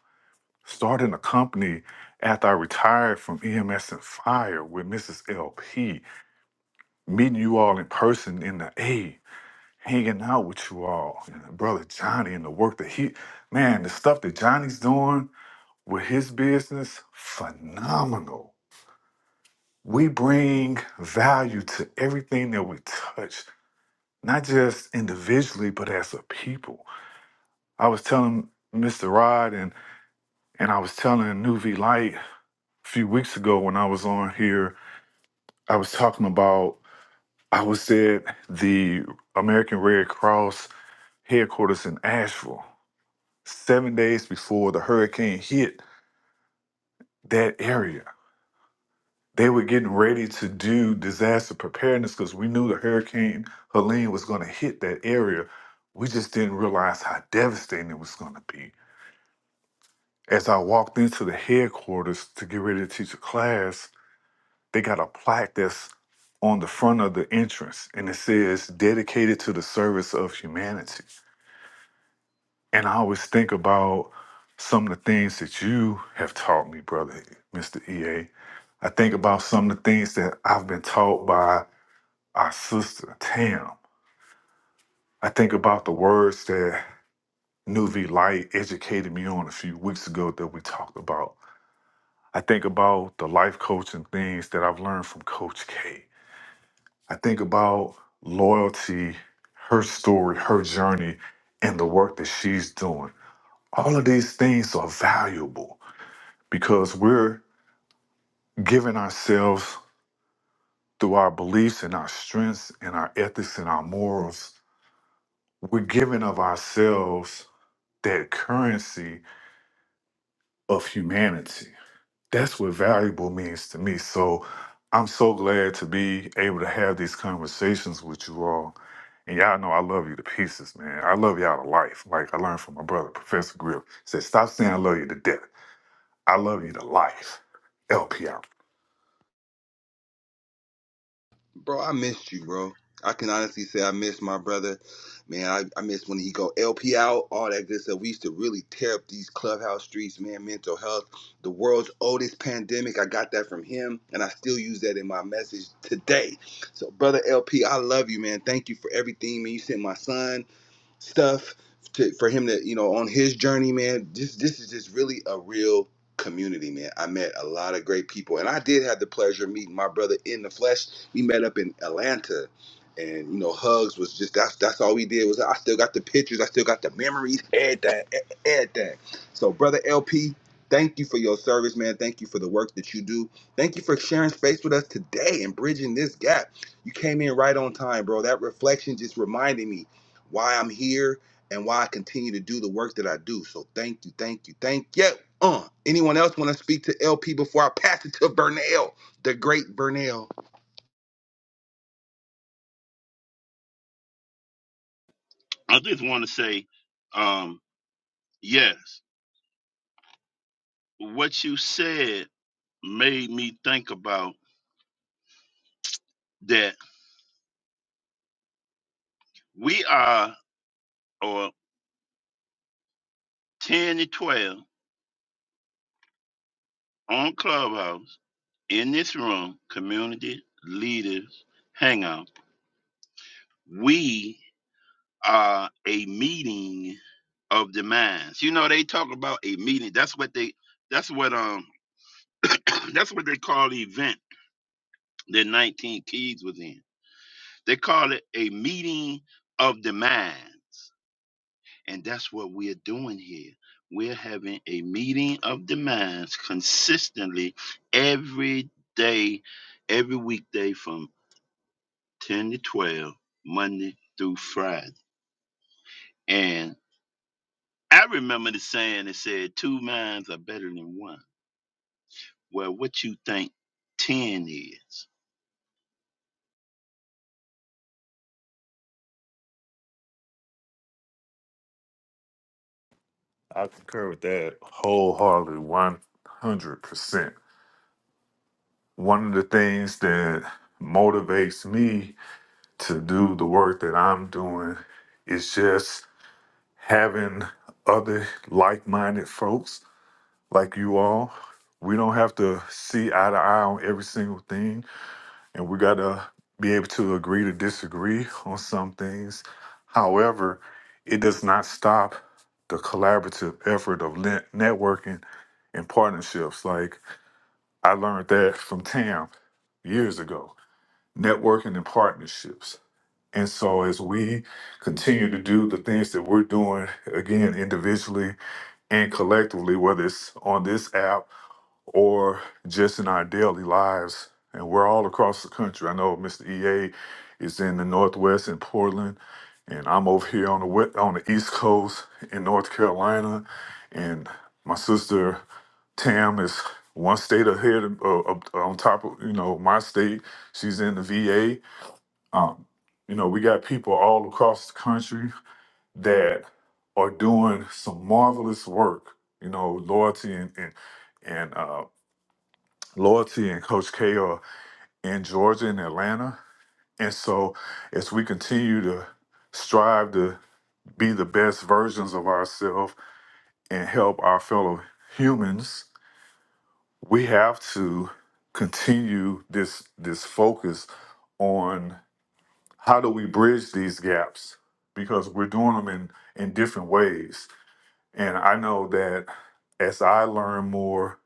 Speaker 6: Starting a company after I retired from EMS and fire with Mrs. LP, meeting you all in person in the A, hanging out with you all, and brother Johnny, and the work that he, man, the stuff that Johnny's doing with his business, phenomenal we bring value to everything that we touch, not just individually, but as a people. I was telling Mr. Rod and and I was telling New V Light a few weeks ago when I was on here, I was talking about I was at the American Red Cross headquarters in Asheville seven days before the hurricane hit that area. they were getting ready to do disaster preparedness because we knew the hurricane Helene was going to hit that area. We just didn't realize how devastating it was going to be. As I walked into the headquarters to get ready to teach a class, they got a plaque that's on the front of the entrance and it says dedicated to the service of humanity. And I always think about some of the things that you have taught me, brother, Mr. EA. I think about some of the things that I've been taught by our sister Tam. I think about the words that Nuvi Light educated me on a few weeks ago that we talked about. I think about the life coaching things that I've learned from Coach K. I think about loyalty, her story, her journey, and the work that she's doing. All of these things are valuable because we're giving ourselves through our beliefs and our strengths and our ethics and our morals. We're giving of ourselves that currency of humanity. That's what valuable means to me. So I'm so glad to be able to have these conversations with you all. And y'all know I love you to pieces, man. I love y'all to life. Like I learned from my brother, Professor Grill. Said, stop saying I love you to death. I love you to life. LP out.
Speaker 3: Bro, I missed you, bro. I can honestly say I missed my brother. Man, I, I miss when he go LP out, all that good stuff. We used to really tear up these clubhouse streets, man. Mental health, the world's oldest pandemic. I got that from him, and I still use that in my message today. So, brother LP, I love you, man. Thank you for everything, man. You sent my son. stuff to, for him to you know on his journey man this this is just really a real community man i met a lot of great people and i did have the pleasure of meeting my brother in the flesh we met up in atlanta and you know hugs was just that's that's all we did was i still got the pictures i still got the memories everything e- e, everything so brother lp thank you for your service man thank you for the work that you do thank you for sharing space with us today and bridging this gap you came in right on time bro that reflection just reminded me why I'm here, and why I continue to do the work that I do. So thank you, thank you, thank you. Yeah, Uh, anyone else want to speak to LP before I pass it to Vernell, the great Vernell?
Speaker 2: I just want to say, um, yes, what you said made me think about that we are, or 10 to 12 on Clubhouse in this room, community leaders hangout, we are a meeting of the minds. You know, they talk about a meeting. That's what they that's what um *clears throat* that's what they call the event that 19 Keys was in. They call it a meeting of the mind. And that's what we're doing here. We're having a meeting of the minds consistently every day, every weekday from. 10 to 12, Monday through Friday. And I remember the saying that said, two minds are better than one. Well, what you think 10 is?
Speaker 6: I concur with that wholeheartedly, 100%. One of the things that motivates me to do the work that I'm doing is just having other like-minded folks like you all. We don't have to see eye to eye on every single thing, and we got to be able to agree to disagree on some things. However, it does not stop the collaborative effort of le- networking and partnerships. Like I learned that from Tam years ago, networking and partnerships. And so as we continue to do the things that we're doing, again, individually and collectively, whether it's on this app or just in our daily lives. And we're all across the country. I know Mr. EA is in the Northwest in Portland, and I'm over here on the west, on the East Coast in North Carolina, and my sister Tam is one state ahead of, uh, up- on top of you know my state. She's in the VA. Um, you know, we got people all across the country that are doing some marvelous work. You know, loyalty and and, and uh, loyalty and Coach K are in Georgia and Atlanta. And so, as we continue to strive to be the best versions of ourselves and help our fellow humans, we have to continue this this focus on how do we bridge these gaps because we're doing them in in different ways And I know that as I learn more,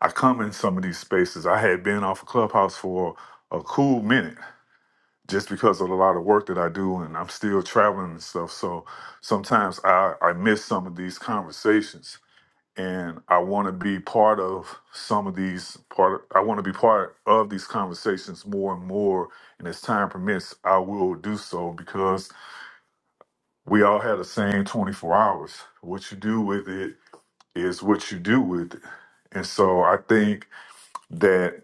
Speaker 6: I come in some of these spaces. I had been off of Clubhouse for a cool minute just because of a lot of work that I do and I'm still traveling and stuff. So sometimes I, I miss some of these conversations and I want to be part of some of these part I want to be part of these conversations more and more and as time permits I will do so because we all have the same 24 hours. What you do with it is what you do with it. And so I think that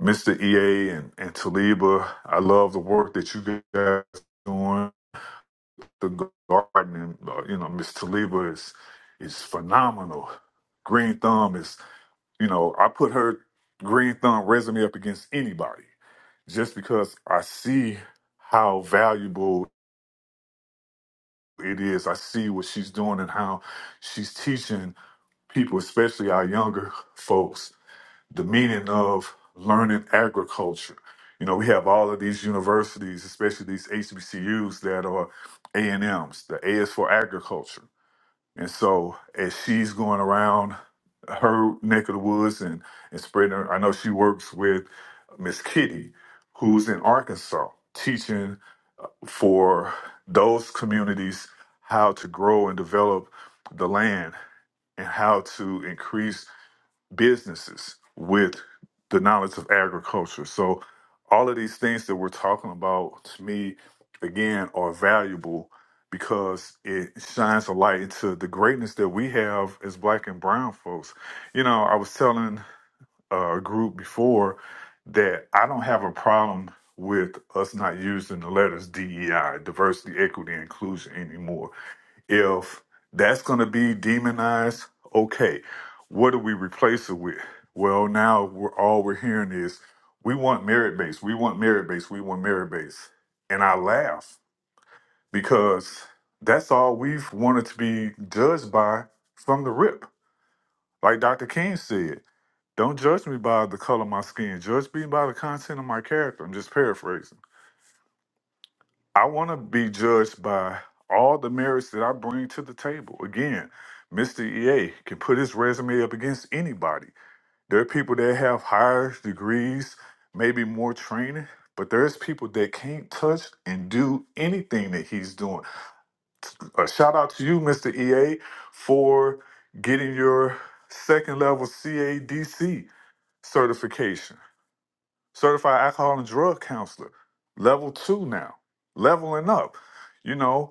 Speaker 6: Mr. EA and, and Taliba, I love the work that you guys are doing. The garden, and, uh, you know, Miss Taliba is is phenomenal. Green Thumb is, you know, I put her Green Thumb resume up against anybody just because I see how valuable it is. I see what she's doing and how she's teaching people, especially our younger folks, the meaning of learning agriculture. You know, we have all of these universities, especially these HBCUs that are A and M's. The A is for agriculture, and so as she's going around her neck of the woods and and spreading, her, I know she works with Miss Kitty, who's in Arkansas, teaching for those communities how to grow and develop the land and how to increase businesses with the knowledge of agriculture. So, all of these things that we're talking about to me, again, are valuable because it shines a light into the greatness that we have as black and brown folks. You know, I was telling uh, a group before that I don't have a problem with us not using the letters DEI, diversity, equity, and inclusion anymore if that's going to be demonized, okay. What do we replace it with? Well, now we're, all we're hearing is we want merit based, we want merit based, we want merit based. And I laugh because that's all we've wanted to be judged by from the rip. Like Dr. King said, don't judge me by the color of my skin, judge me by the content of my character. I'm just paraphrasing. I want to be judged by all the merits that I bring to the table. Again, Mr. EA can put his resume up against anybody. There are people that have higher degrees, maybe more training, but there's people that can't touch and do anything that he's doing. A shout out to you, Mr. EA, for getting your second level CADC certification, certified alcohol and drug counselor, level two now, leveling up. You know,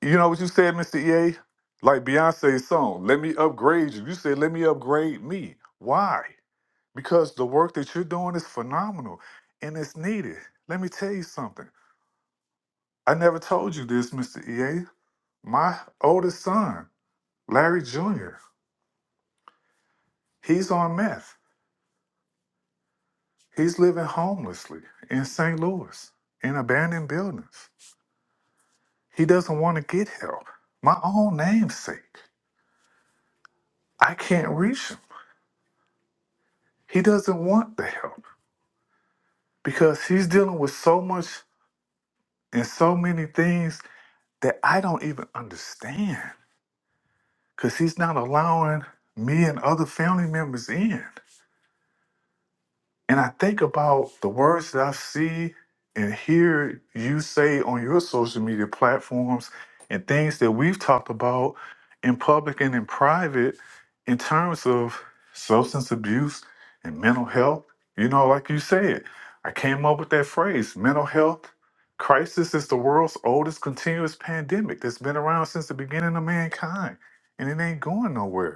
Speaker 6: you know what you said, Mr. EA? Like Beyonce's song, let me upgrade you. You said, let me upgrade me. Why? Because the work that you're doing is phenomenal and it's needed. Let me tell you something. I never told you this, Mr. EA. My oldest son, Larry Jr., he's on meth. He's living homelessly in St. Louis in abandoned buildings. He doesn't want to get help. My own namesake. I can't reach him. He doesn't want the help. because he's dealing with so much and so many things that I don't even understand because he's not allowing me and other family members in. And I think about the words that I see and hear you say on your social media platforms and things that we've talked about in public and in private in terms of substance abuse and mental health. You know, like you said, I came up with that phrase mental health crisis is the world's oldest continuous pandemic that's been around since the beginning of mankind, and it ain't going nowhere.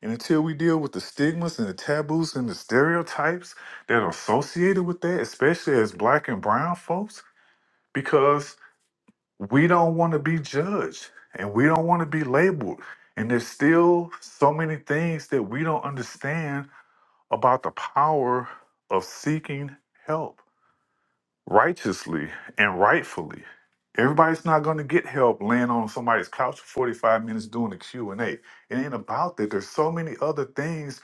Speaker 6: And until we deal with the stigmas and the taboos and the stereotypes that are associated with that, especially as black and brown folks, because we don't want to be judged and we don't want to be labeled. And there's still so many things that we don't understand about the power of seeking help righteously and rightfully. Everybody's not going to get help laying on somebody's couch for 45 minutes doing a Q&A. It ain't about that. There's so many other things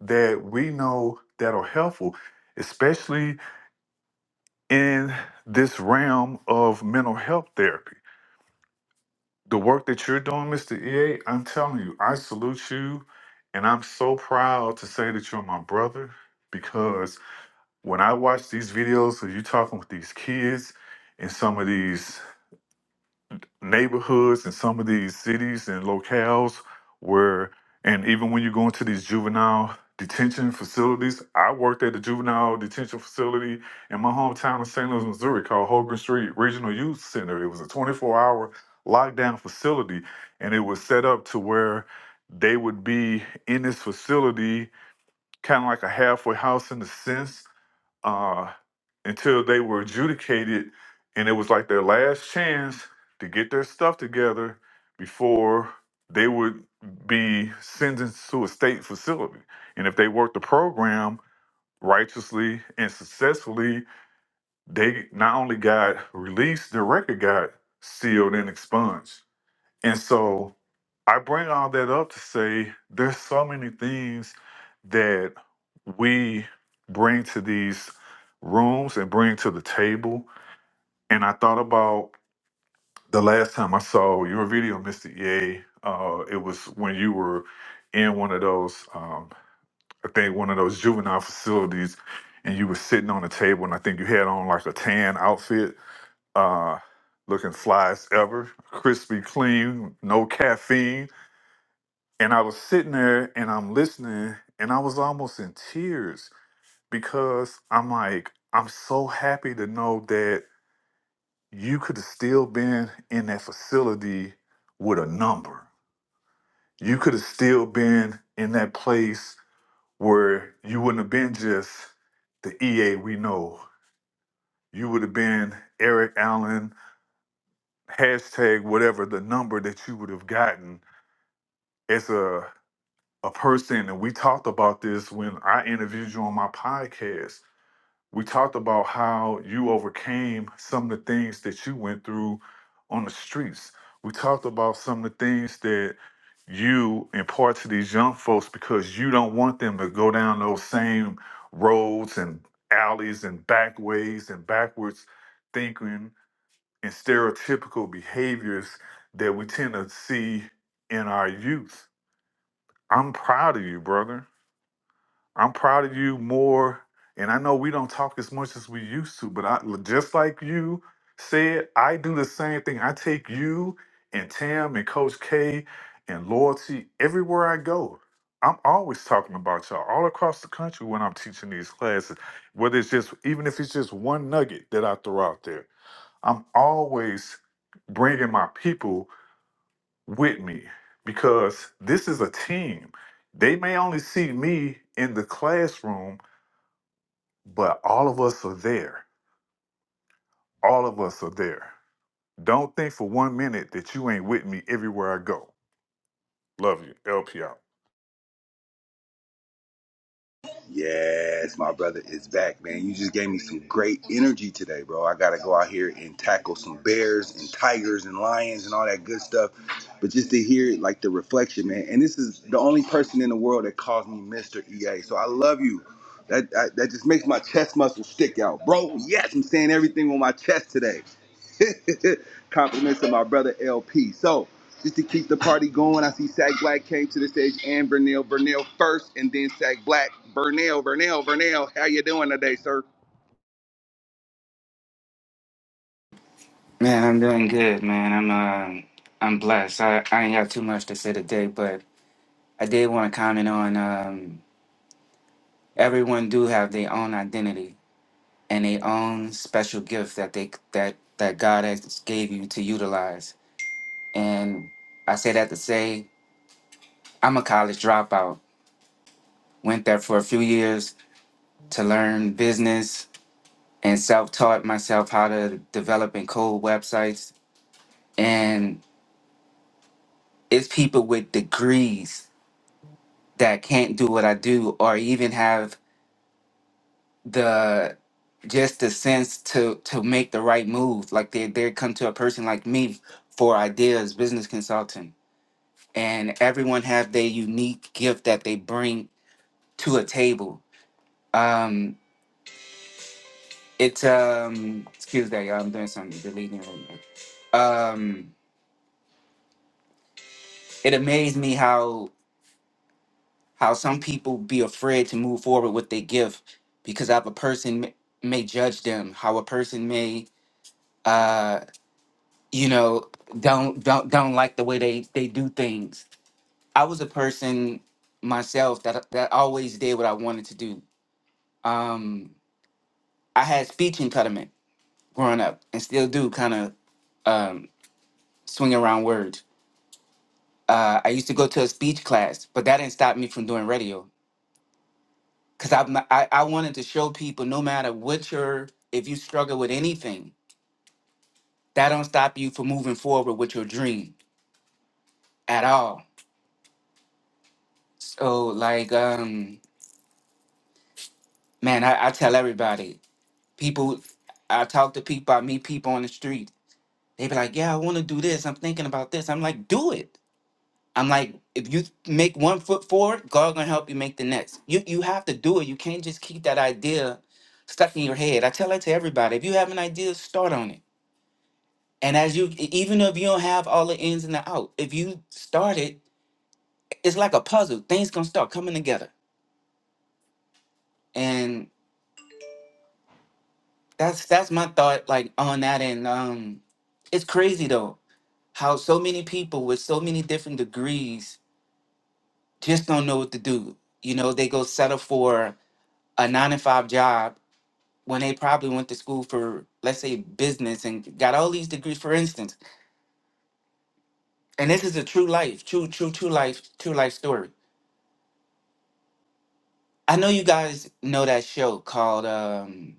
Speaker 6: that we know that are helpful, especially in this realm of mental health therapy. The work that you're doing, Mr. EA, I'm telling you, I salute you and I'm so proud to say that you're my brother because when I watch these videos of you talking with these kids and some of these neighborhoods and some of these cities and locales where, and even when you go into these juvenile detention facilities, I worked at a juvenile detention facility in my hometown of St. Louis, Missouri called Hogan Street Regional Youth Center. It was a 24 hour lockdown facility, and it was set up to where they would be in this facility, kind of like a halfway house in the sense uh, until they were adjudicated, and it was like their last chance to get their stuff together before they would be sentenced to a state facility. And if they worked the program righteously and successfully, they not only got released, their record got sealed and expunged. And so I bring all that up to say there's so many things that we bring to these rooms and bring to the table. And I thought about the last time I saw your video, Mr. EA. Uh, it was when you were in one of those, um, I think one of those juvenile facilities, and you were sitting on a table, and I think you had on like a tan outfit, uh, looking fly as ever, crispy clean, no caffeine and I was sitting there and I'm listening and I was almost in tears because I'm like, I'm so happy to know that you could have still been in that facility with a number. You could have still been in that place where you wouldn't have been just the EA we know. You would have been Eric Allen, hashtag whatever the number that you would have gotten as a a person, and we talked about this when I interviewed you on my podcast. We talked about how you overcame some of the things that you went through on the streets. We talked about some of the things that you impart to these young folks because you don't want them to go down those same roads and alleys and back ways and backwards thinking and stereotypical behaviors that we tend to see in our youth. I'm proud of you, brother. I'm proud of you more. And I know we don't talk as much as we used to, but I just like you said, I do the same thing. I take you and Tam and Coach K and Loyalty everywhere I go. I'm always talking about y'all all across the country when I'm teaching these classes, whether it's just, even if it's just one nugget that I throw out there, I'm always bringing my people with me because this is a team. They may only see me in the classroom, but all of us are there. All of us are there. Don't think for one minute that you ain't with me everywhere I go. Love you. LP out.
Speaker 3: Yes, my brother is back, man. You just gave me some great energy today, bro. I got to go out here and tackle some bears and tigers and lions and all that good stuff. But just to hear it, like the reflection, man. And this is the only person in the world that calls me Mr. EA. So I love you. That that, that just makes my chest muscle stick out, bro. Yes, I'm saying everything with my chest today. *laughs* Compliments to my brother LP. So just to keep the party going. I see Sack Black came to the stage and Vernell. Vernell first and then Sack Black. Vernell, Vernell, Vernell, how you doing today, sir?
Speaker 7: Man, I'm doing good, man. I'm um I'm blessed. I, I ain't got too much to say today, but I did want to comment on um everyone do have their own identity and their own special gift that they that that God has gave you to utilize. And I say that to say I'm a college dropout. Went there for a few years to learn business and self-taught myself how to develop and code websites. And it's people with degrees that can't do what I do or even have the just the sense to to make the right move. Like they they come to a person like me for ideas, business consulting. And everyone have their unique gift that they bring to a table. Um it's um excuse that y'all, I'm doing something deleting right now. Um it amazed me how how some people be afraid to move forward with their gift because of a person may may judge them, how a person may uh, you know, don't don't don't like the way they they do things. I was a person myself that that always did what I wanted to do. Um, I had speech impediment growing up, and still do kind of um, swing around words. Uh, I used to go to a speech class, but that didn't stop me from doing radio because I, I I wanted to show people no matter what your if you struggle with anything, that don't stop you from moving forward with your dream at all. So like um Man, I, I tell everybody, people, I talk to people, I meet people on the street. They be like, yeah, I want to do this. I'm thinking about this. I'm like, do it. I'm like, if you make one foot forward, God gonna help you make the next. You you have to do it. You can't just keep that idea stuck in your head. I tell that to everybody. If you have an idea, start on it. And as you, e, even if you don't have all the ins and the out, if you start it, it's like a puzzle. Things gonna start coming together. And that's that's my thought, like on that. And um, it's crazy though how so many people with so many different degrees just don't know what to do. You know, they go settle for a nine to five job when they probably went to school for, let's say, business and got all these degrees, for instance. And this is a true life, true, true, true life, true life story. I know you guys know that show called um,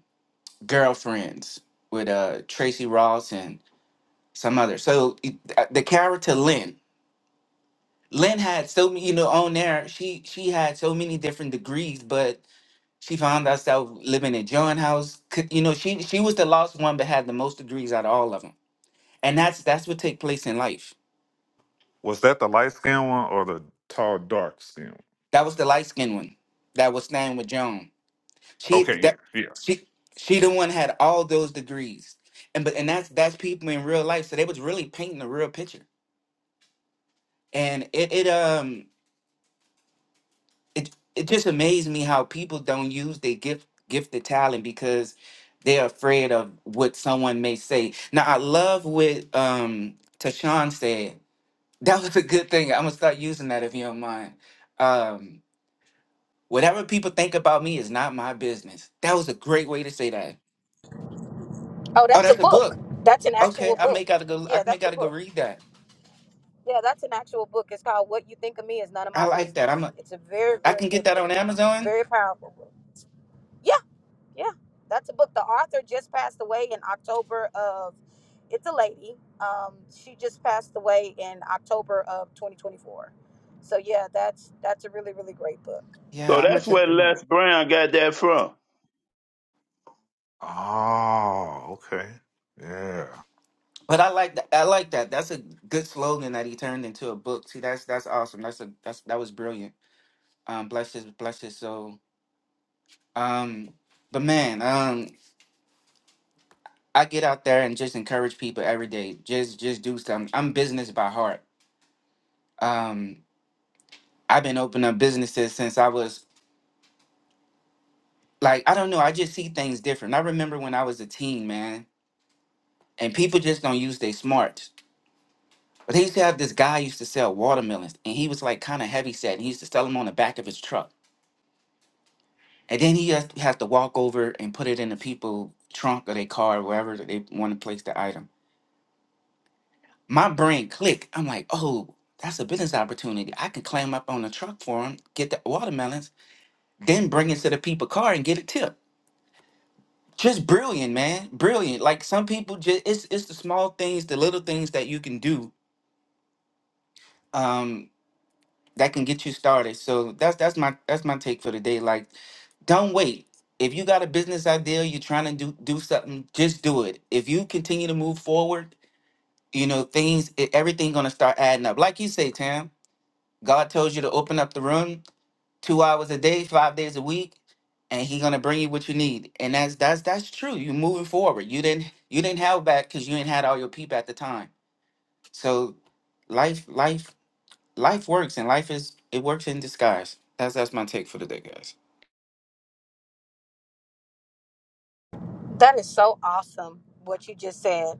Speaker 7: Girlfriends with uh, Tracy Ross and some other. So it- uh, the character Lynn, Lynn had so many, you know, on there, she she had so many different degrees, but She found herself living in John House. C- You know, she she was the last one, but had the most degrees out of all of them. And that's that's what take place in life.
Speaker 6: Was that the light skin one or the tall, dark skin one?
Speaker 7: That was the light skinned one that was staying with John. She
Speaker 6: Okay,
Speaker 7: that
Speaker 6: yeah, yeah.
Speaker 7: she she the one had all those degrees. And but and that's that's people in real life. So they was really painting the real picture. And it it um it it just amazed me how people don't use their gift gifted talent because they're afraid of what someone may say. Now I love what um Tashawn said. That was a good thing. I'm gonna start using that if you don't mind. Um whatever people think about me is not my business. That was a great way to say that.
Speaker 5: Oh,
Speaker 7: Oh,
Speaker 5: that's a
Speaker 7: that's a
Speaker 5: book.
Speaker 7: book.
Speaker 5: That's an
Speaker 7: Okay,
Speaker 5: actual
Speaker 7: I
Speaker 5: book.
Speaker 7: may gotta go
Speaker 5: Yeah,
Speaker 7: I may
Speaker 5: that's a
Speaker 7: gotta go
Speaker 5: book.
Speaker 7: read that.
Speaker 5: Yeah, that's an actual book. It's called What You Think of Me Is None of
Speaker 7: I
Speaker 5: My
Speaker 7: like that.
Speaker 5: Business.
Speaker 7: I'm a,
Speaker 5: It's a very,
Speaker 7: I
Speaker 5: very
Speaker 7: can get
Speaker 5: good
Speaker 7: that on
Speaker 5: book.
Speaker 7: Amazon.
Speaker 5: Very powerful book. Yeah, yeah. That's a book. The author just passed away in October of it's a lady. Um, she just passed away in October of 2024. So yeah, that's that's a really, really great book.
Speaker 2: So
Speaker 7: Yeah, I'm gonna
Speaker 2: that's
Speaker 7: check
Speaker 2: where
Speaker 7: it out.
Speaker 2: Les Brown got that from.
Speaker 6: Oh, okay. Yeah.
Speaker 7: But I like that. I like that. That's a good slogan that he turned into a book. See, that's that's awesome. That's a that's that was brilliant. Um, bless his bless his soul. Um, but man, um, I get out there and just encourage people every day. Just just do something. I'm business by heart. Um, I've been opening up businesses since I was like I don't know. I just see things different. I remember when I was a teen, man, and people just don't use their smarts. But they used to have this guy used to sell watermelons, and he was like kind of heavy set. And he used to sell them on the back of his truck. And then he has, has to walk over and put it in the people trunk or their car, wherever that they want to place the item. My brain clicked. I'm like, oh, that's a business opportunity. I can climb up on the truck for him, get the watermelons, then bring it to the people car and get a tip. Just brilliant, man. Brilliant. Like some people just it's it's the small things, the little things that you can do. Um, that can get you started. So that's that's my that's my take for today. Like, don't wait. If you got a business idea, you're trying to do do something, just do it. If you continue to move forward, you know things, e- everything gonna start adding up. Like you say, Tam, God tells you to open up the room two hours a day, five days a week, and He gonna bring you what you need. And that's that's that's true. You're moving forward. You didn't you didn't have back because you didn't had all your people at the time. So life life life works and life is it works in disguise. That's that's my take for the day, guys.
Speaker 5: That is so awesome what you just said.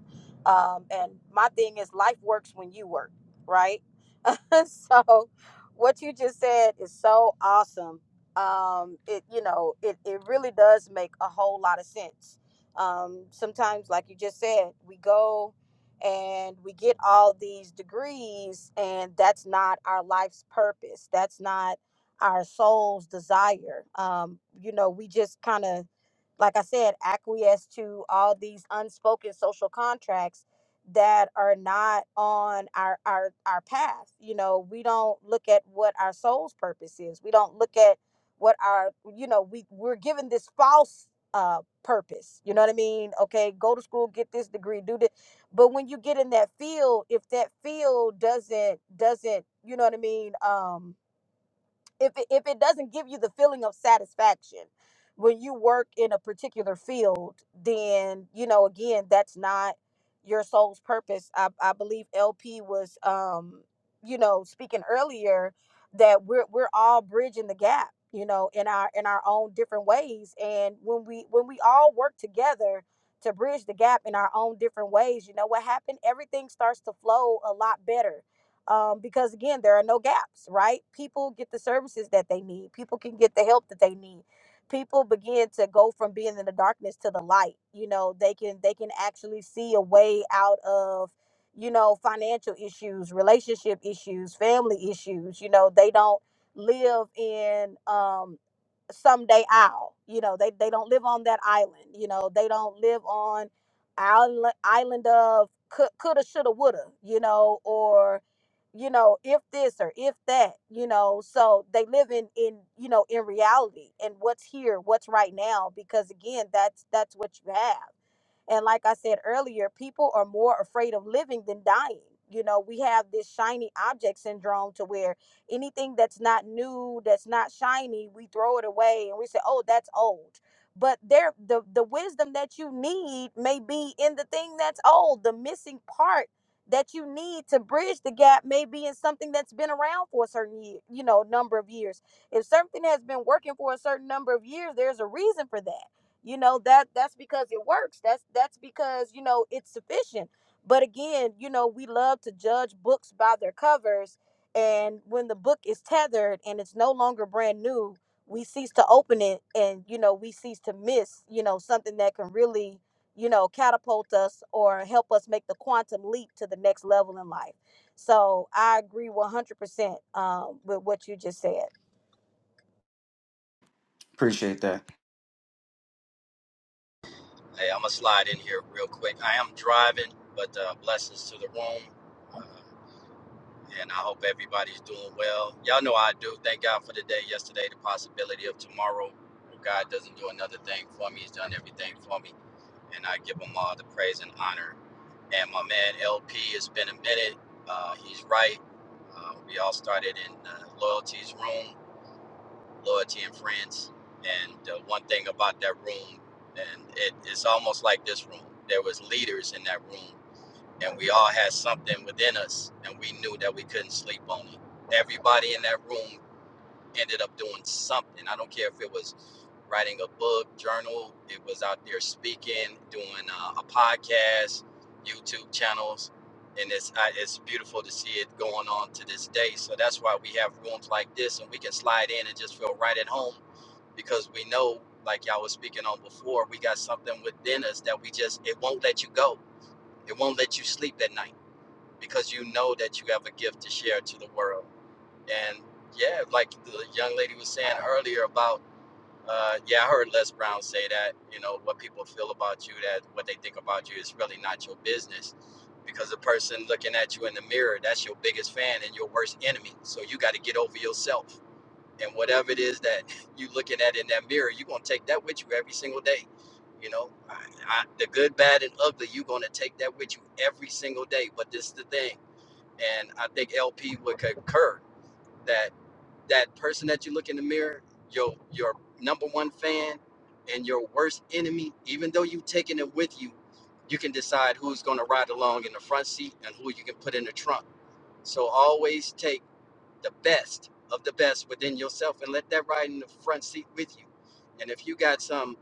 Speaker 5: Um, and my thing is, life works when you work, right? *laughs* so, what you just said is so awesome. Um, it you know it it really does make a whole lot of sense. Um, sometimes, like you just said, we go and we get all these degrees, and that's not our life's purpose. That's not our soul's desire. Um, you know, we just kind of like I said, acquiesce to all these unspoken social contracts that are not on our our our path. You know, we don't look at what our soul's purpose is. We don't look at what our you know we we're given this false uh purpose. You know what I mean? Okay, go to school, get this degree, do this. But when you get in that field, if that field doesn't doesn't you know what I mean? Um if it, if it doesn't give you the feeling of satisfaction when you work in a particular field then you know again that's not your soul's purpose i, I believe lp was um you know speaking earlier that we're we're all bridging the gap you know in our in our own different ways and when we when we all work together to bridge the gap in our own different ways you know what happened everything starts to flow a lot better um, because again there are no gaps right people get the services that they need people can get the help that they need people begin to go from being in the darkness to the light you know they can they can actually see a way out of you know financial issues relationship issues family issues you know they don't live in um someday I'll. You know, they, they don't live on that island. You know, they don't live on island island of could, coulda, shoulda, woulda. You know, or you know, if this or if that. You know, so they live in in you know in reality and what's here, what's right now. Because again, that's that's what you have. And like I said earlier, people are more afraid of living than dying. You know, we have this shiny object syndrome to where anything that's not new, that's not shiny, we throw it away and we say, "Oh, that's old." But there the the wisdom that you need may be in the thing that's old, the missing part that you need to bridge the gap may be in something that's been around for a certain year, you know, number of years. If something has been working for a certain number of years, there's a reason for that you know that that's because it works that's that's because you know it's sufficient but again you know we love to judge books by their covers and when the book is tethered and it's no longer brand new we cease to open it and you know we cease to miss you know something that can really you know catapult us or help us make the quantum leap to the next level in life so i agree 100% um, with what you just said
Speaker 7: Appreciate that.
Speaker 8: Hey, I'm gonna slide in here real quick. I am driving, but uh, blessings to the room, uh, and I hope everybody's doing well. Y'all know I do. Thank God for the day yesterday, the possibility of tomorrow. If God doesn't do another thing for me, He's done everything for me, and I give Him all the praise and honor. And my man LP, it's been a minute. Uh, he's right. Uh, we all started in uh, loyalty's room loyalty and friends. And uh, one thing about that room, and it, it's almost like this room. There was leaders in that room, and we all had something within us, and we knew that we couldn't sleep on it. Everybody in that room ended up doing something. I don't care if it was writing a book, journal, it was out there speaking, doing uh, a podcast, YouTube channels. And it's, I, it's beautiful to see it going on to this day. So that's why we have rooms like this and we can slide in and just feel right at home because we know, like y'all was speaking on before, we got something within us that we just, it won't let you go. It won't let you sleep at night because you know that you have a gift to share to the world. And yeah, like the young lady was saying earlier about, uh, yeah, I heard Les Brown say that, you know, what people feel about you, that what they think about you is really not your business. Because the person looking at you in the mirror, that's your biggest fan and your worst enemy. So you got to get over yourself. And whatever it is that *laughs* you looking at in that mirror, you're going to take that with you every single day. You know, I, I, the good, bad, and ugly, you're going to take that with you every single day. But this is the thing. And I think LP would concur that that person that you look in the mirror, your your number one fan and your worst enemy, even though you've taken it with you, you can decide who's going to ride along in the front seat and who you can put in the trunk. So always take the best of the best within yourself and let that ride in the front seat with you. And if you got some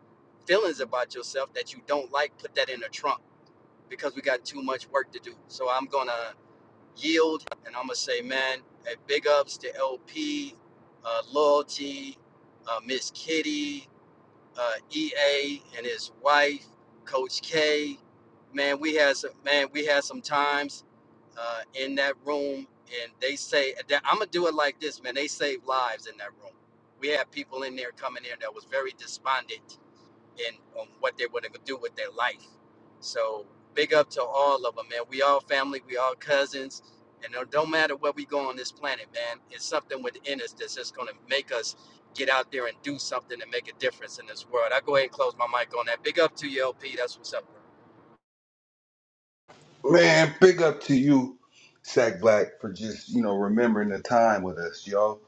Speaker 8: feelings about yourself that you don't like, put that in the trunk because we got too much work to do. So I'm gonna yield. And I'm gonna say, man, hey, big ups to LP, uh, Loyalty, uh, Miss Kitty, uh, EA, and his wife, Coach K. Man, we had some man, we had some times uh, in that room, and they say that I'm gonna do it like this, man. They saved lives in that room. We had people in there coming in that was very despondent and on what they want to do with their life. So big up to all of them, man. We all family, we all cousins, and it don't matter where we go on this planet, man. It's something within us that's just gonna make us get out there and do something and make a difference in this world. I go ahead and close my mic on that. Big up to you, LP. That's what's up. bro.
Speaker 3: Man, big up to you, Sack Black, for just, you know, remembering the time with us, y'all.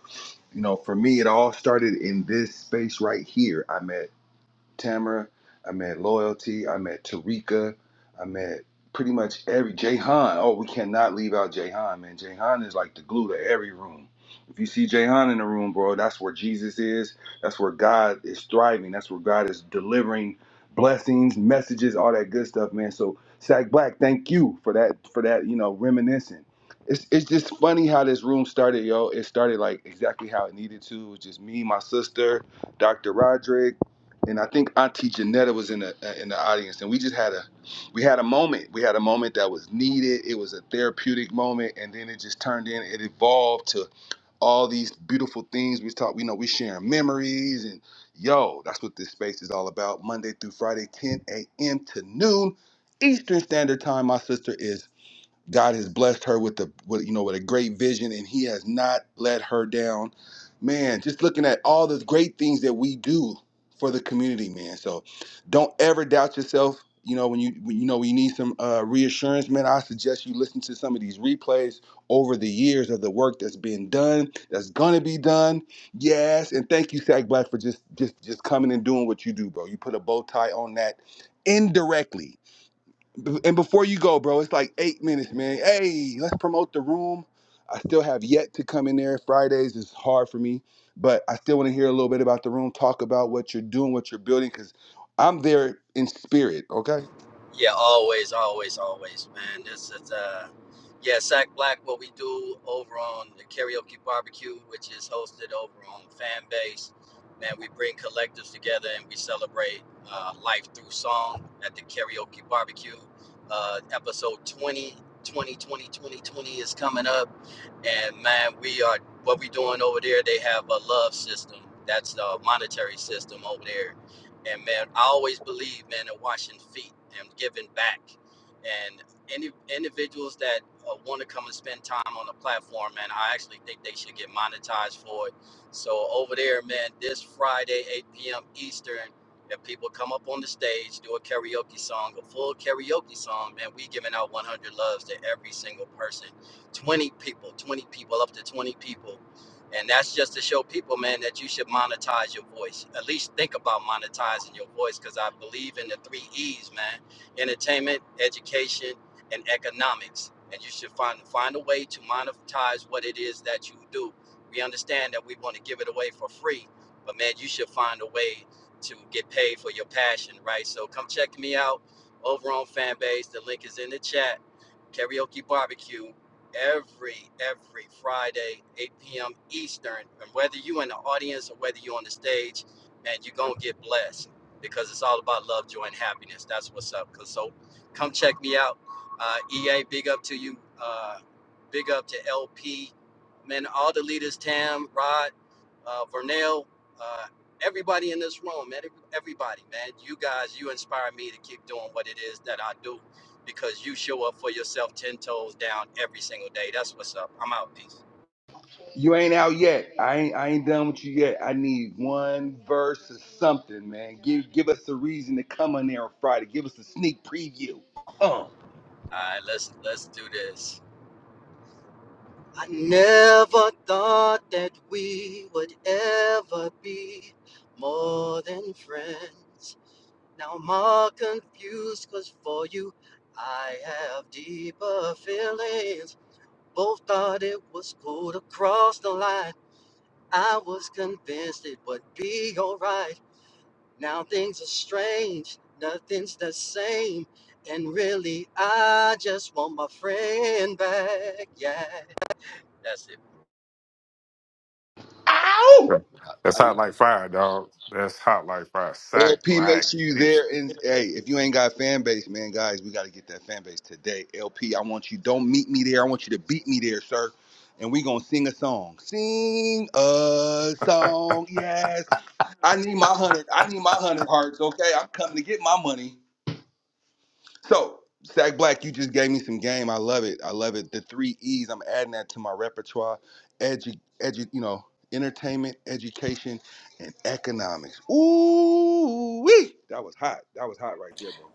Speaker 3: You know, for me, it all started in this space right here. I met. Tamara. I met Loyalty. I met Tarika. I met pretty much every Jayhan. Oh, we cannot leave out Jayhan, man. Jayhan is like the glue to every room. If you see Jayhan in the room, bro, that's where Jesus is. That's where God is thriving. That's where God is delivering blessings, messages, all that good stuff, man. So Sack Black, thank you for that for that, you know, reminiscing. It's, it's just funny how this room started, yo. It started like exactly how it needed to. It was just me, my sister, Dr. Roderick, and I think Auntie Janetta was in the uh, in the audience, and we just had a we had a moment. We had a moment that was needed. It was a therapeutic moment, and then it just turned in. It evolved to all these beautiful things. We talk, you know, we sharing memories, and yo, that's what this space is all about. Monday through Friday, 10 a.m. to noon Eastern Standard Time. My sister is. God has blessed her with the with, you know with a great vision, and He has not let her down. Man, just looking at all the great things that we do for the community, man. So don't ever doubt yourself. You know when you when, you know when you need some uh, reassurance, man. I suggest you listen to some of these replays over the years of the work that's been done, that's gonna be done. Yes, and thank you, Sack Black, for just just just coming and doing what you do, bro. You put a bow tie on that indirectly B- And before you go, bro, it's like eight minutes, man. Hey, let's promote the room. I still have yet to come in there. Fridays is hard for me, but I still want to hear a little bit about the room. Talk about what you're doing, what you're building, because I'm there in spirit. Okay.
Speaker 8: Yeah, always, always, always, man. This is uh yeah, Sack Black, what we do over on the karaoke barbecue, which is hosted over on fan base. Man, we bring collectives together and we celebrate uh, life through song at the karaoke barbecue. Uh, episode 20, 20, 20, 20, 20 is coming up. And man, we are what we doing over there. They have a love system. That's the monetary system over there and man, I always believe, man, in washing feet and giving back. And any individuals that uh, want to come and spend time on the platform, man, I actually think they should get monetized for it. So over there, man, this Friday, 8 p.m. Eastern, if people come up on the stage, do a karaoke song, a full karaoke song, man, we giving out 100 loves to every single person, 20 people, 20 people, up to 20 people and that's just to show people, man, that you should monetize your voice. At least think about monetizing your voice because I believe in the three E's, man entertainment, education, and economics. And you should find, find a way to monetize what it is that you do. We understand that we want to give it away for free, but man, you should find a way to get paid for your passion, right? So come check me out over on Fanbase. The link is in the chat. Karaoke Barbecue every every Friday, 8 p.m. Eastern. And whether you in the audience or whether you on the stage, man, you're gonna get blessed because it's all about love, joy, and happiness. That's what's up. So come check me out. Uh, EA, big up to you. Uh, big up to LP, man. All the leaders, Tam, Rod, uh, Vernell, uh, everybody in this room, man. every- Everybody, man. You guys, you inspire me to keep doing what it is that I do because you show up for yourself ten toes down every single day. That's what's up. I'm out. Peace.
Speaker 3: You ain't out yet. I ain't. I ain't done with you yet. I need one verse or something, man. Give Give us a reason to come on there on Friday. Give us a sneak preview.
Speaker 8: All right, let's let's do this. I never thought that we would ever be more than friends. Now I'm all confused cause for you I have deeper feelings. Both thought it was cool to cross the line. I was convinced it would be alright. Now things are strange, nothing's the same. And really, I just want my friend back. Yeah, that's it.
Speaker 6: yeah.
Speaker 3: Ow!
Speaker 6: That's hot like fire, dog. That's hot like fire. Sack
Speaker 3: LP, make
Speaker 6: black.
Speaker 3: sure you there. And hey, if you ain't got a fan base, man, guys, we got to get that fan base today. LP, I want you. Don't meet me there. I want you to beat me there, sir. And we gonna sing a song. Sing a song, yes. I need my hundred. I need my hundred hearts. Okay, I'm coming to get my money. So, Sack Black, you just gave me some game. I love it. I love it. The three E's. I'm adding that to my repertoire. Edu, edu, you know, entertainment, education, and economics. Ooh, wee! That was hot. That was hot right there, bro.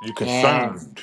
Speaker 6: You concerned.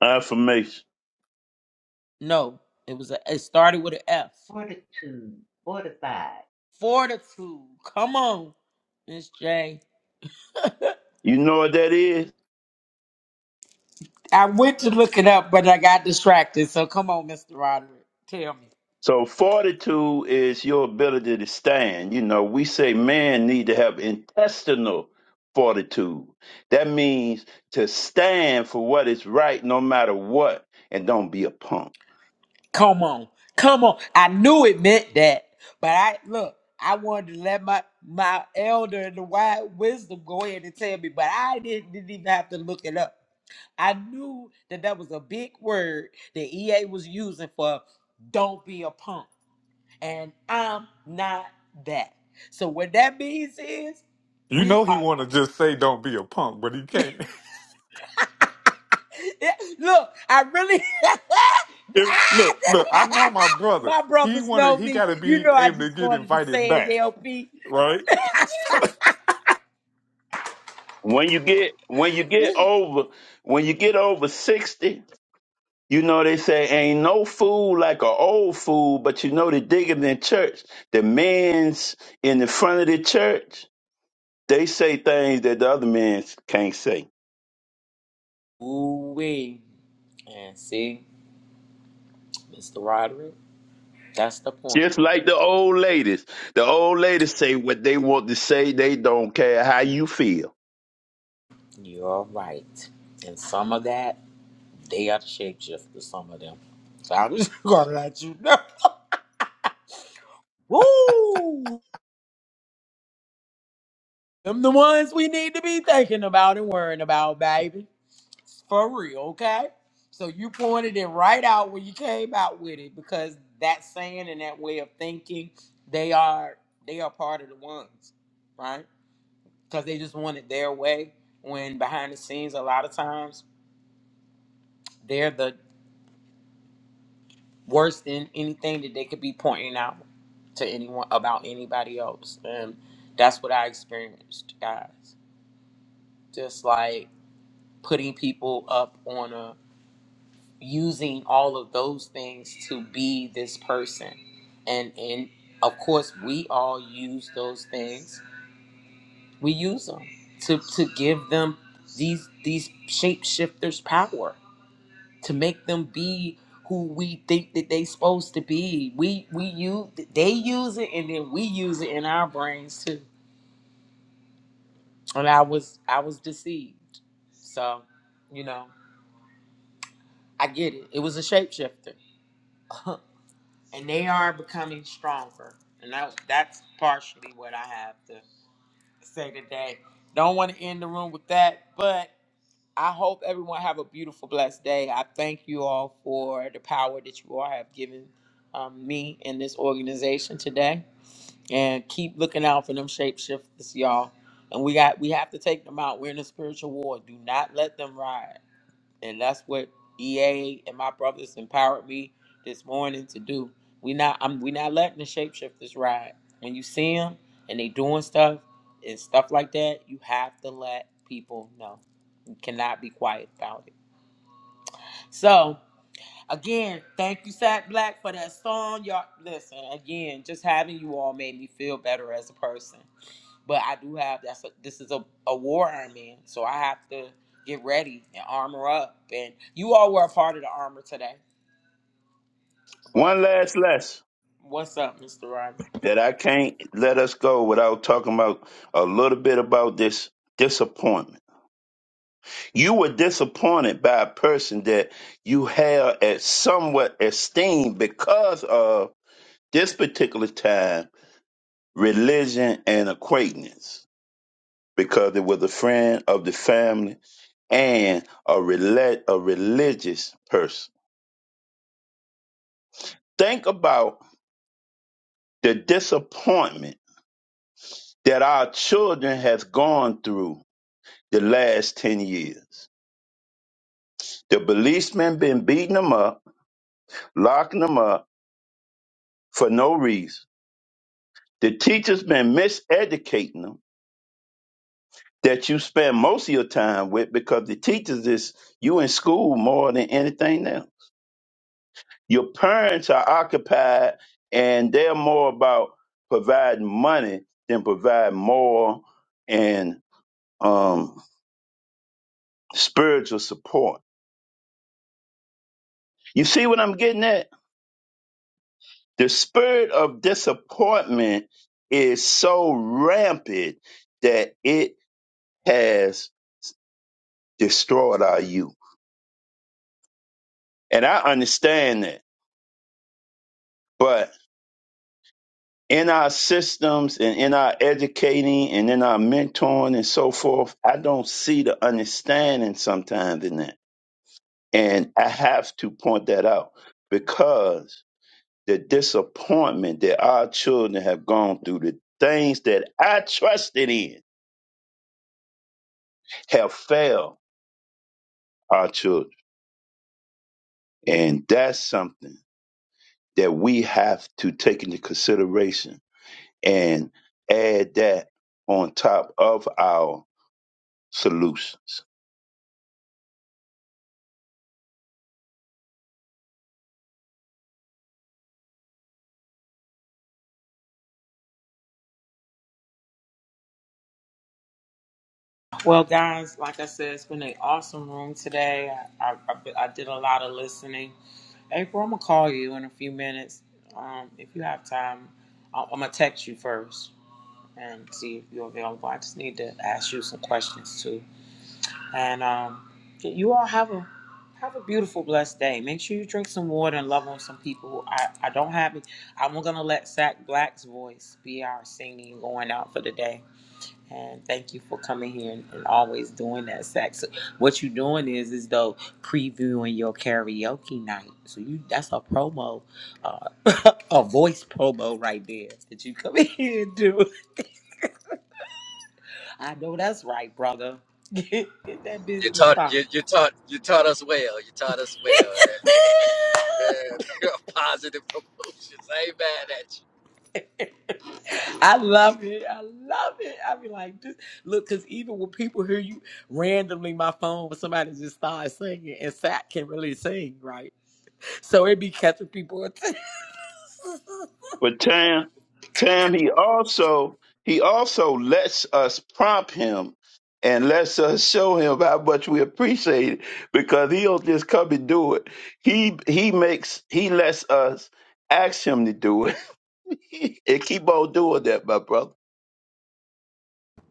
Speaker 2: Uh, from
Speaker 4: Fortitude, fortified.
Speaker 2: you So fortitude is your ability to stand. You know, we say man need to have intestinal fortitude. That means to stand for what is right no matter what and don't be a punk.
Speaker 6: You know he wanna just say don't be a punk, but he can't. If look, look, I know my brother. He wanna he gotta be able to get invited back, right? *laughs*
Speaker 2: When you know fool like an old fool, but you know the digging in church, the men's in the front of the church, they say things that the other men can't say. Just like the old ladies. The old ladies say what they want to say. They don't care how you feel. One last lesson that I can't let us go without talking about a little bit about this disappointment. You were disappointed by a person that you have at somewhat esteem because of This particular time, religion and acquaintance, because it was a friend of the family and a, rela- a religious person. Think about the disappointment that our children has gone through the last 10 years. The policemen been beating them up, locking them up for no reason. The teachers been miseducating them that you spend most of your time with because the teachers is you in school more than anything else Your parents are occupied and they're more about providing money than provide moral and um, spiritual support. You see what I'm getting at? The spirit of disappointment is so rampant that it has destroyed our youth. And I understand that. in our systems and in our educating and in our mentoring and so forth, I don't see the understanding sometimes in that. And I have to point that out because the disappointment that our children have gone through, the things that I trusted in have failed our children. And that's something that we have to take into consideration and add that on top of our solutions.
Speaker 8: You taught you, you taught you taught us well. You taught us well. That man, *laughs* positive promotions. I ain't mad at you.
Speaker 2: But Tam, Tam, he also he also lets us prompt him and lets us show him how much we appreciate it because he don't just come and do it. He he makes he lets us ask him to do it *laughs* and keep on doing that, my brother.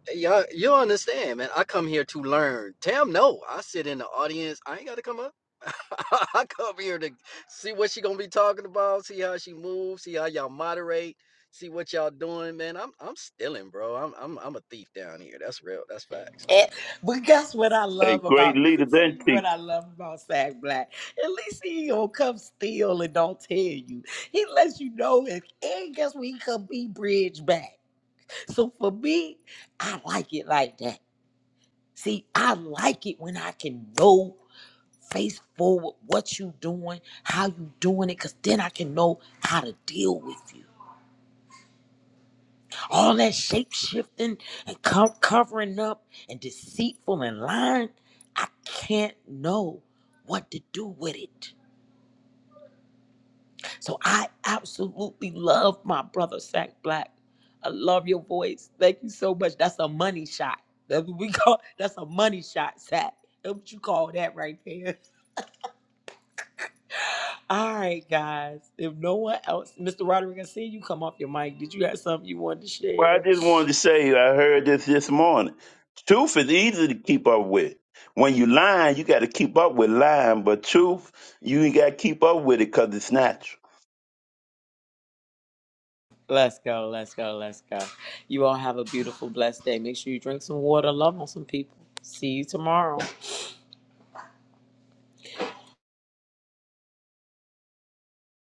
Speaker 8: Hey, Y'all, you understand, man. I come here to learn. Tam, no. I sit in the audience. I ain't got to come up. *laughs* I come here to see what she gonna be talking about, see how she moves, see how y'all moderate, see what y'all doing, man. I'm I'm stealing, bro. I'm I'm I'm a thief down here. That's real. That's facts.
Speaker 2: Hey, great leader, then teacher. Well, I just wanted to say I heard this this morning. Truth is easy to keep up with. When you lying, you got to keep up with lying, but truth, you ain't got to keep up with it because it's natural.